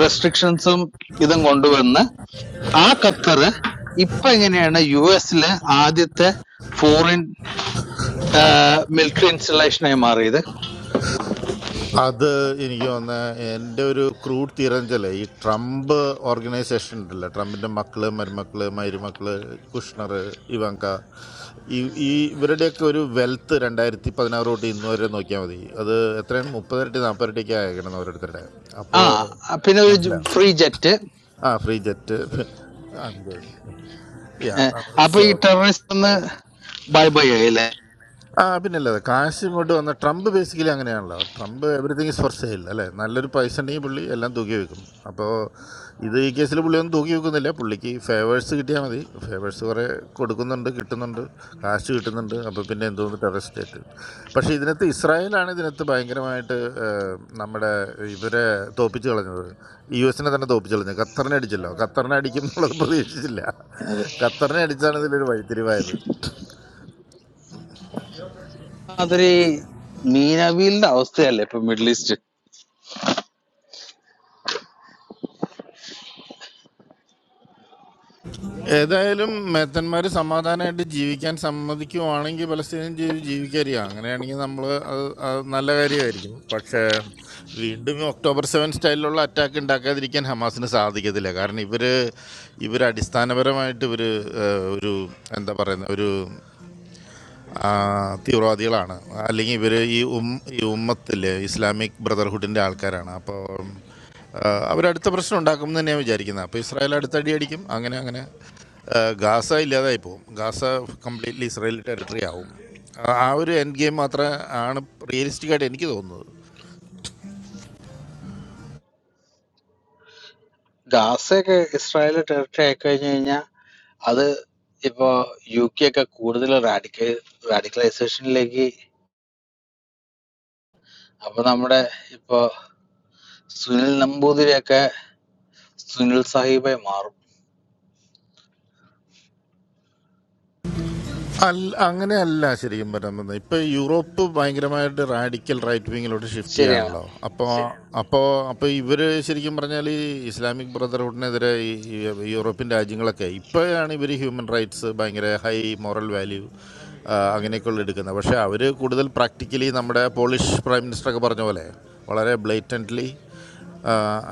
Speaker 7: റെസ്ട്രിക്ഷൻസും ഇതും കൊണ്ടുവന്ന് ആ ഖത്തർ ഇപ്പൊ എങ്ങനെയാണ് യു എസിലെ ആദ്യത്തെ ഫോറിൻ മിലിറ്ററി ഇൻസ്റ്റലേഷനായി മാറിയത്
Speaker 3: അത് എനിക്ക് തോന്നുന്നത് എൻ്റെ ഒരു ക്രൂഡ് തിരഞ്ചല് ഈ ട്രംപ് ഓർഗനൈസേഷൻ ഉണ്ടല്ലോ ട്രംപിൻ്റെ മക്കള് മരുമക്കള് മരുമക്കള് കുഷ്ണർ ഇവങ്ക ഈ ഈ ഇവരുടെയൊക്കെ ഒരു വെൽത്ത് രണ്ടായിരത്തി പതിനാറ് തൊട്ട് ഇന്ന് വരെ നോക്കിയാൽ മതി അത് എത്രയാണ് മുപ്പതിരട്ടി നാൽപ്പതിരട്ടിക്ക് അയക്കണം ഓരോരുത്തരുടെ
Speaker 7: ആ
Speaker 3: അപ്പോൾ
Speaker 7: പിന്നെ ഒരു
Speaker 3: മനസ്സിലായോ
Speaker 7: ഫ്രീ ജെറ്റ്
Speaker 3: ആ ഫ്രീ ജെറ്റ് യാ
Speaker 7: അപ്പൊ ഈ
Speaker 3: സോ
Speaker 7: ടെററിസ്റ്റ് ഒന്ന് ബൈ ബൈ ആയില്ലേ
Speaker 3: ആ പിന്നല്ലാതെ കാശ് ഇങ്ങോട്ട് വന്ന ട്രംപ് ബേസിക്കലി അങ്ങനെയാണല്ലോ Trump everything is for sale അല്ലേ നല്ലൊരു പൈസ ഉണ്ടെങ്കിൽ പുള്ളി എല്ലാം തൂക്കി വെക്കും അപ്പോൾ ഇത് ഈ കേസിൽ പുള്ളി ഒന്നും തൂക്കി വെക്കുന്നില്ല പുള്ളിക്ക് ഫേവേഴ്സ് കിട്ടിയാൽ മതി ഫേവേഴ്സ് കുറേ കൊടുക്കുന്നുണ്ട് കിട്ടുന്നുണ്ട് കാശ് കിട്ടുന്നുണ്ട് അപ്പോൾ പിന്നെ എന്തോന്ന് ടെറർ സ്റ്റേറ്റ് പക്ഷേ ഇതിനകത്ത് ഇസ്രായേലാണ് ഇതിനകത്ത് ഭയങ്കരമായിട്ട് ഏഹ്, നമ്മുടെ ഇവരെ തോപ്പിച്ച് കളഞ്ഞത് യു എസിനെ തന്നെ തോപ്പിച്ച് കളഞ്ഞു ഖത്തറിനെ അടിച്ചല്ലോ ഖത്തറിനെ അടിക്കും എന്നുള്ളത് പ്രതീക്ഷിച്ചില്ല
Speaker 7: അതെ
Speaker 3: ഖത്തറിനെ അടിച്ചാണ് ഇതിലൊരു വഴിത്തിരിവായത്
Speaker 7: മാതിരി മീനവീലിന്റെ അവസ്ഥയല്ലേ ഇപ്പൊ മിഡിൽ ഈസ്റ്റ്
Speaker 3: ഏതായാലും മേത്തന്മാർ സമാധാനമായിട്ട് ജീവിക്കാൻ സമ്മതിക്കുവാണെങ്കിൽ പലസ്തീനിയൻ ജീവി ജീവിക്കരിക അങ്ങനെയാണെങ്കിൽ നമ്മൾ അത് അത് നല്ല കാര്യമായിരിക്കും പക്ഷേ വീണ്ടും ഈ ഒക്ടോബർ സെവൻ സ്റ്റൈലിലുള്ള അറ്റാക്ക് ഉണ്ടാക്കാതിരിക്കാൻ ഹമാസിന് സാധിക്കത്തില്ല കാരണം ഇവർ ഇവർ അടിസ്ഥാനപരമായിട്ട് ഇവർ ഒരു എന്താ പറയുന്ന ഒരു ആ, തീവ്രവാദികളാണ് അല്ലെങ്കിൽ ഇവർ ഈ ഉം ഈ ഉമ്മത്തിലെ ഇസ്ലാമിക് ബ്രദർഹുഡിൻ്റെ ആൾക്കാരാണ് അപ്പോൾ അവരടുത്ത പ്രശ്നം ഉണ്ടാക്കും എന്ന് തന്നെയാണ് വിചാരിക്കുന്നത് അപ്പോൾ ഇസ്രായേൽ അടുത്തടി അടിക്കും അങ്ങനെ അങ്ങനെ ആ, ഗാസ ഇല്ലാതായി പോകും ഗാസ കംപ്ലീറ്റ്ലി ഇസ്രായേൽ ടെറിട്ടറി ആവും ആ- ആ ഒരു എൻഡ് ഗെയിം മാത്രമേ ആണ് റിയലിസ്റ്റിക് ആയിട്ട് എനിക്ക് തോന്നുന്നത്
Speaker 7: ഗാസയൊക്കെ ഇസ്രായേൽ ടെറിട്ടറി ആയി കഴിഞ്ഞു കഴിഞ്ഞാൽ അത് ഇപ്പോ യു കെ ഒക്കെ കൂടുതൽ റാഡിക്ക റാഡിക്കലൈസേഷനിലേക്ക് അപ്പൊ നമ്മുടെ ഇപ്പോ സുനിൽ നമ്പൂതിരിയൊക്കെ സുനിൽ സാഹിബായി മാറും
Speaker 3: അല്ല അങ്ങനെയല്ല ശരിക്കും പറയുന്നത് ഇപ്പൊ യൂറോപ്പ് ഭയങ്കരമായിട്ട് റാഡിക്കൽ റൈറ്റ് വിങ്ങിലോട്ട് ഷിഫ്റ്റ്
Speaker 7: ശരിയാണ്
Speaker 3: ചെയ്യാണല്ലോ അപ്പോൾ അപ്പോൾ അപ്പോൾ ഇവര് ശരിക്കും പറഞ്ഞാൽ ഈ ഇസ്ലാമിക് ബ്രദർഹുഡിനെതിരെ ഈ ഈ യൂറോപ്യൻ രാജ്യങ്ങളൊക്കെ ഇപ്പോഴാണ് ഇവർ ഹ്യൂമൻ റൈറ്റ്സ് ഭയങ്കര ഹൈ മോറൽ വാല്യൂ അങ്ങനെയൊക്കെയുള്ള എടുക്കുന്നത് പക്ഷേ അവർ കൂടുതൽ പ്രാക്ടിക്കലി നമ്മുടെ പോളിഷ് പ്രൈം മിനിസ്റ്ററൊക്കെ പറഞ്ഞ പോലെ വളരെ ബ്ലേറ്റൻ്റ്ലി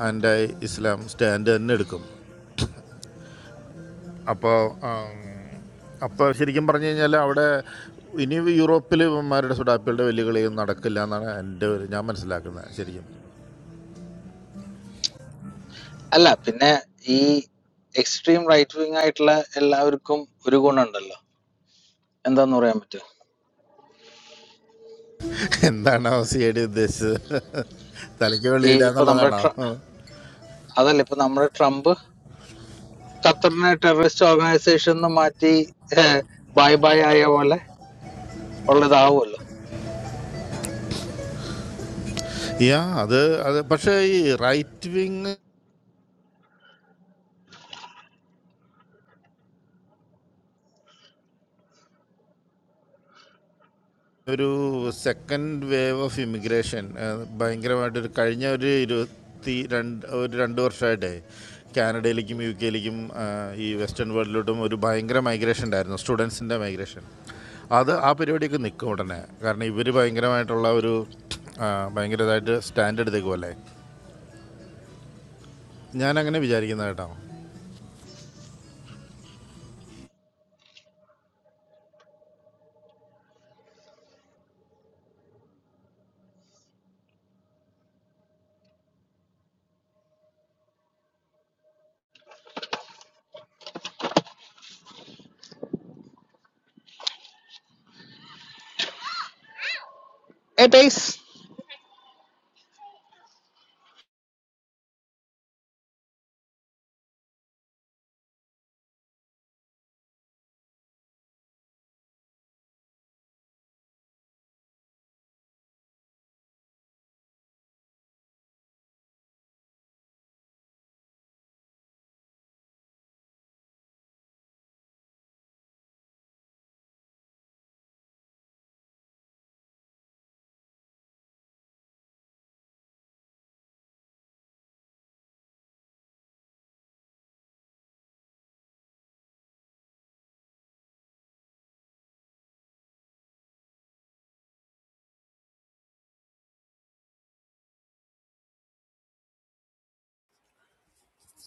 Speaker 3: ആൻഡ് ഇസ്ലാം സ്റ്റാൻഡ് തന്നെ എടുക്കും അപ്പോൾ അപ്പോൾ ശരിക്കും പറഞ്ഞു കഴിഞ്ഞാൽ അവിടെ ഇനി യൂറോപ്പിൽ ഇവന്മാരുടെ സുഡാപ്പികളുടെ വലിയ കളിയൊന്നും നടക്കില്ല എന്നാണ് എൻ്റെ ഒരു ഞാൻ മനസ്സിലാക്കുന്നത് ശരിക്കും
Speaker 7: അല്ല പിന്നെ ഈ എക്സ്ട്രീം റൈറ്റ് വിങ് ആയിട്ടുള്ള എല്ലാവർക്കും ഒരു ഗുണമുണ്ടല്ലോ എന്താന്ന് പറയാൻ പറ്റും
Speaker 3: എന്താണ് സിഐഡി ഉദ്ദേശിച്ചത് തലയ്ക്ക്
Speaker 7: ഈ
Speaker 3: വെളിയില്ല
Speaker 7: ഇപ്പൊ നമ്മുടെ
Speaker 3: എന്നുള്ളതാണോ
Speaker 7: ട്ര- അതല്ല ഇപ്പൊ നമ്മുടെ ട്രംപ് ഖത്തറിനെ ടെററിസ്റ്റ് ഓർഗനൈസേഷൻ എന്ന് മാറ്റി ബൈ ബൈ ആയ പോലെ ഉള്ളതാവുമല്ലോ
Speaker 3: യാ അത് അത് പക്ഷേ ഈ റൈറ്റ് വിങ് ഒരു സെക്കൻഡ് വേവ് ഓഫ് ഇമിഗ്രേഷൻ ഭയങ്കരമായിട്ടൊരു കഴിഞ്ഞ ഒരു ഇരുപത്തി രണ്ട് ഒരു രണ്ട് വർഷമായിട്ടേ കാനഡയിലേക്കും യു കെയിലേക്കും ഈ വെസ്റ്റേൺ വേൾഡിലോട്ടും ഒരു ഭയങ്കര മൈഗ്രേഷൻ ഉണ്ടായിരുന്നു സ്റ്റുഡൻസിൻ്റെ മൈഗ്രേഷൻ അത് ആ പരിപാടിയൊക്കെ നിൽക്കും ഉടനെ കാരണം ഇവർ ഭയങ്കരമായിട്ടുള്ള ഒരു ഭയങ്കരമായിട്ട് സ്റ്റാൻഡ് എടുത്തേക്കുമല്ലേ ഞാനങ്ങനെ വിചാരിക്കുന്ന കേട്ടോ
Speaker 7: ഏ ടൈസ്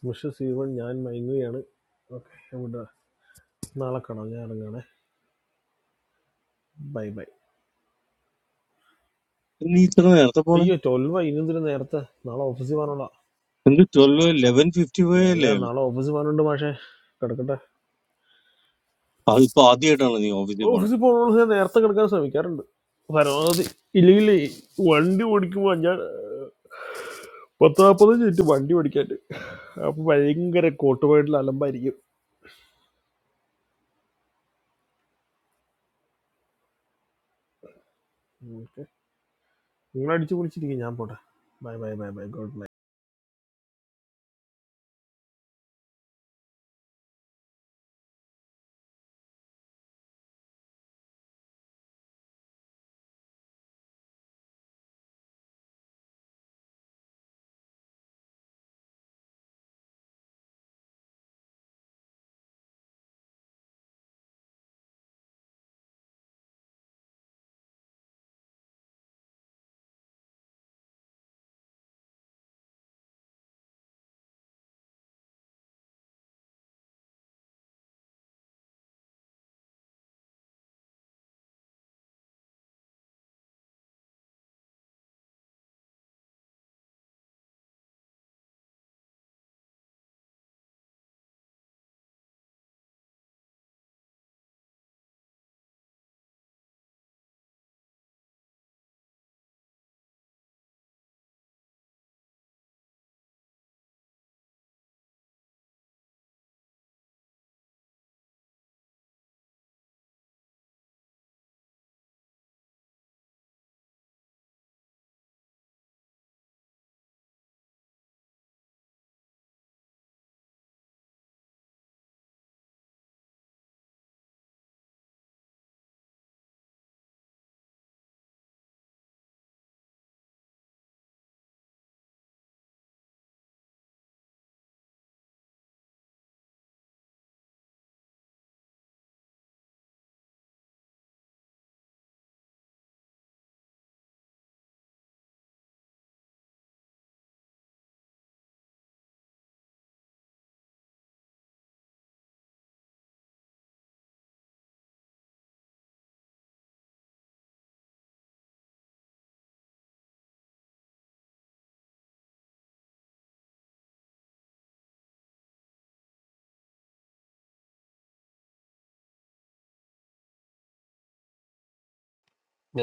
Speaker 5: മിഷ സീവൺ ഞാൻ മയങ്ങുകയാണ് ഓക്കെ എവിടെ നാളെ കാണാം ഞാൻ ഇറങ്ങുകയാണേ ബൈ ബൈ
Speaker 8: നീ ഇത്ര നേരത്തെ പോണേ
Speaker 5: അയ്യോ ട്വൽവ് ഇന്നെന്തിനു നേരത്തെ നാളെ ഓഫീസിൽ പോകാനുള്ള
Speaker 8: എനിക്ക് ട്വൽവ് ലെവൻ ഫിഫ്റ്റി ഫൈവ്
Speaker 5: ഞാൻ
Speaker 8: അല്ലേ
Speaker 5: ഞാൻ
Speaker 8: ഉള്ളൂ
Speaker 5: നാളെ ഓഫീസിൽ പോകാനുണ്ട് മാഷേ കിടക്കട്ടെ
Speaker 8: അതിപ്പോ ആദ്യമായിട്ടാണ് നീ ഓഫീസിൽ പോണേ
Speaker 5: ഓഫീസിൽ പോകണമെന്ന് ഞാൻ നേരത്തെ കിടക്കാൻ ശ്രമിക്കാറുണ്ട് പരമാവധി ഇല്ലെങ്കിൽ വണ്ടി ഓടിക്കുമ്പോൾ ഞാൻ ഏഹ്, പത്ത് നാൽപ്പത് ചുറ്റും വണ്ടി ഓടിക്കാണ്ട് അപ്പോൾ ഭയങ്കര കോട്ടുപോയിട്ടുള്ള അലമ്പായിരിക്കും ഓക്കെ നിങ്ങൾ അടിച്ചു പൊളിച്ചിരിക്കും ഞാൻ പോട്ടെ bye bye bye bye God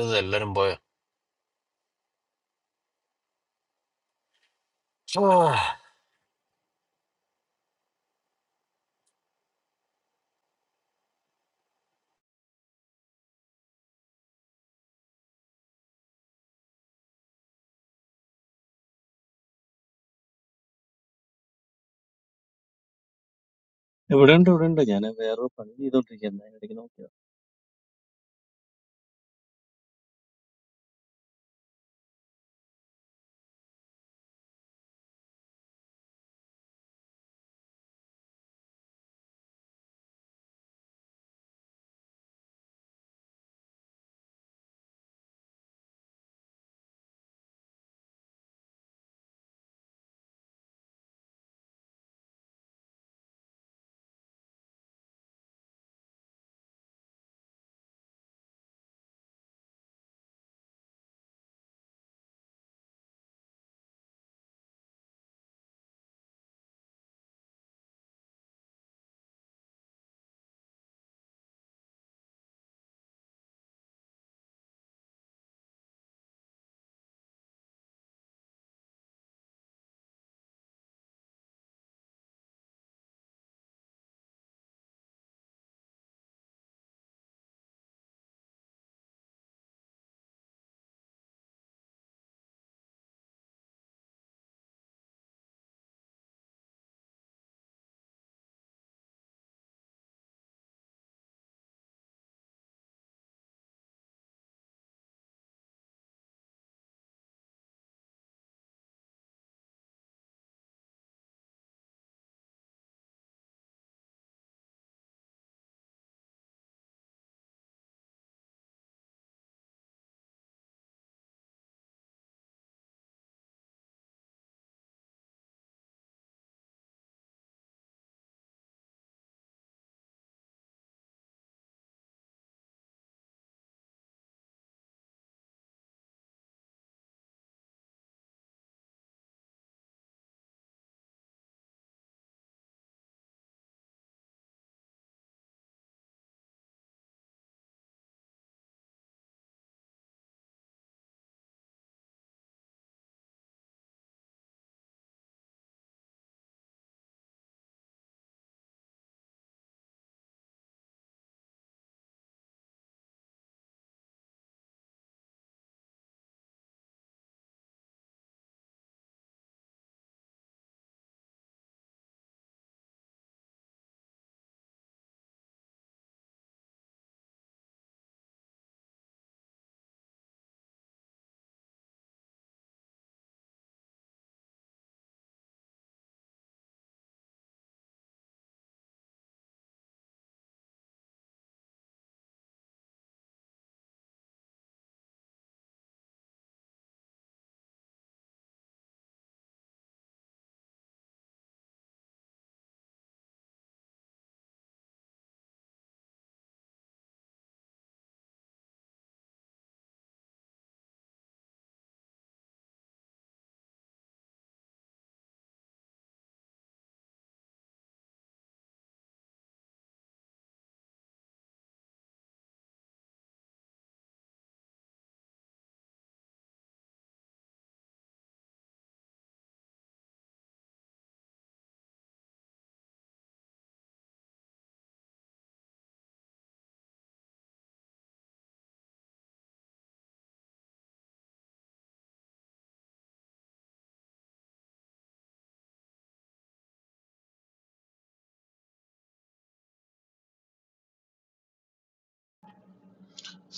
Speaker 4: ഇത് എല്ലാരും പോയോ
Speaker 8: ഇവിടെ ഉണ്ട് ഇവിടെ ഉണ്ട് ഞാൻ വേറൊരു പണി ചെയ്തോണ്ടിരിക്കുന്നത് അതിനിടയ്ക്ക് നോക്കിയത്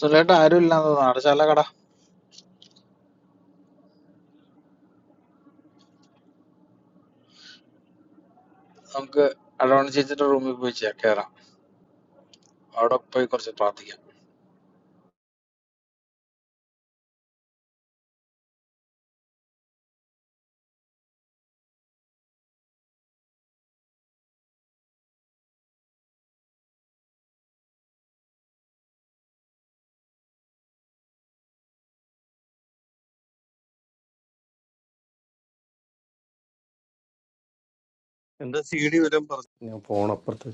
Speaker 7: സുലേട്ട് ആരും ഇല്ലാന്ന് തോന്നുന്നു അടച്ചാല കട നമുക്ക് അഡോൺ ചേച്ചിയുടെ റൂമിൽ പോയി ചേ- കേറാം അവിടെ പോയി കുറച്ച് പ്രാർത്ഥിക്കാം
Speaker 8: എന്റെ സി ഡി വരും പറഞ്ഞു ഞാൻ പോണപ്പുറത്ത്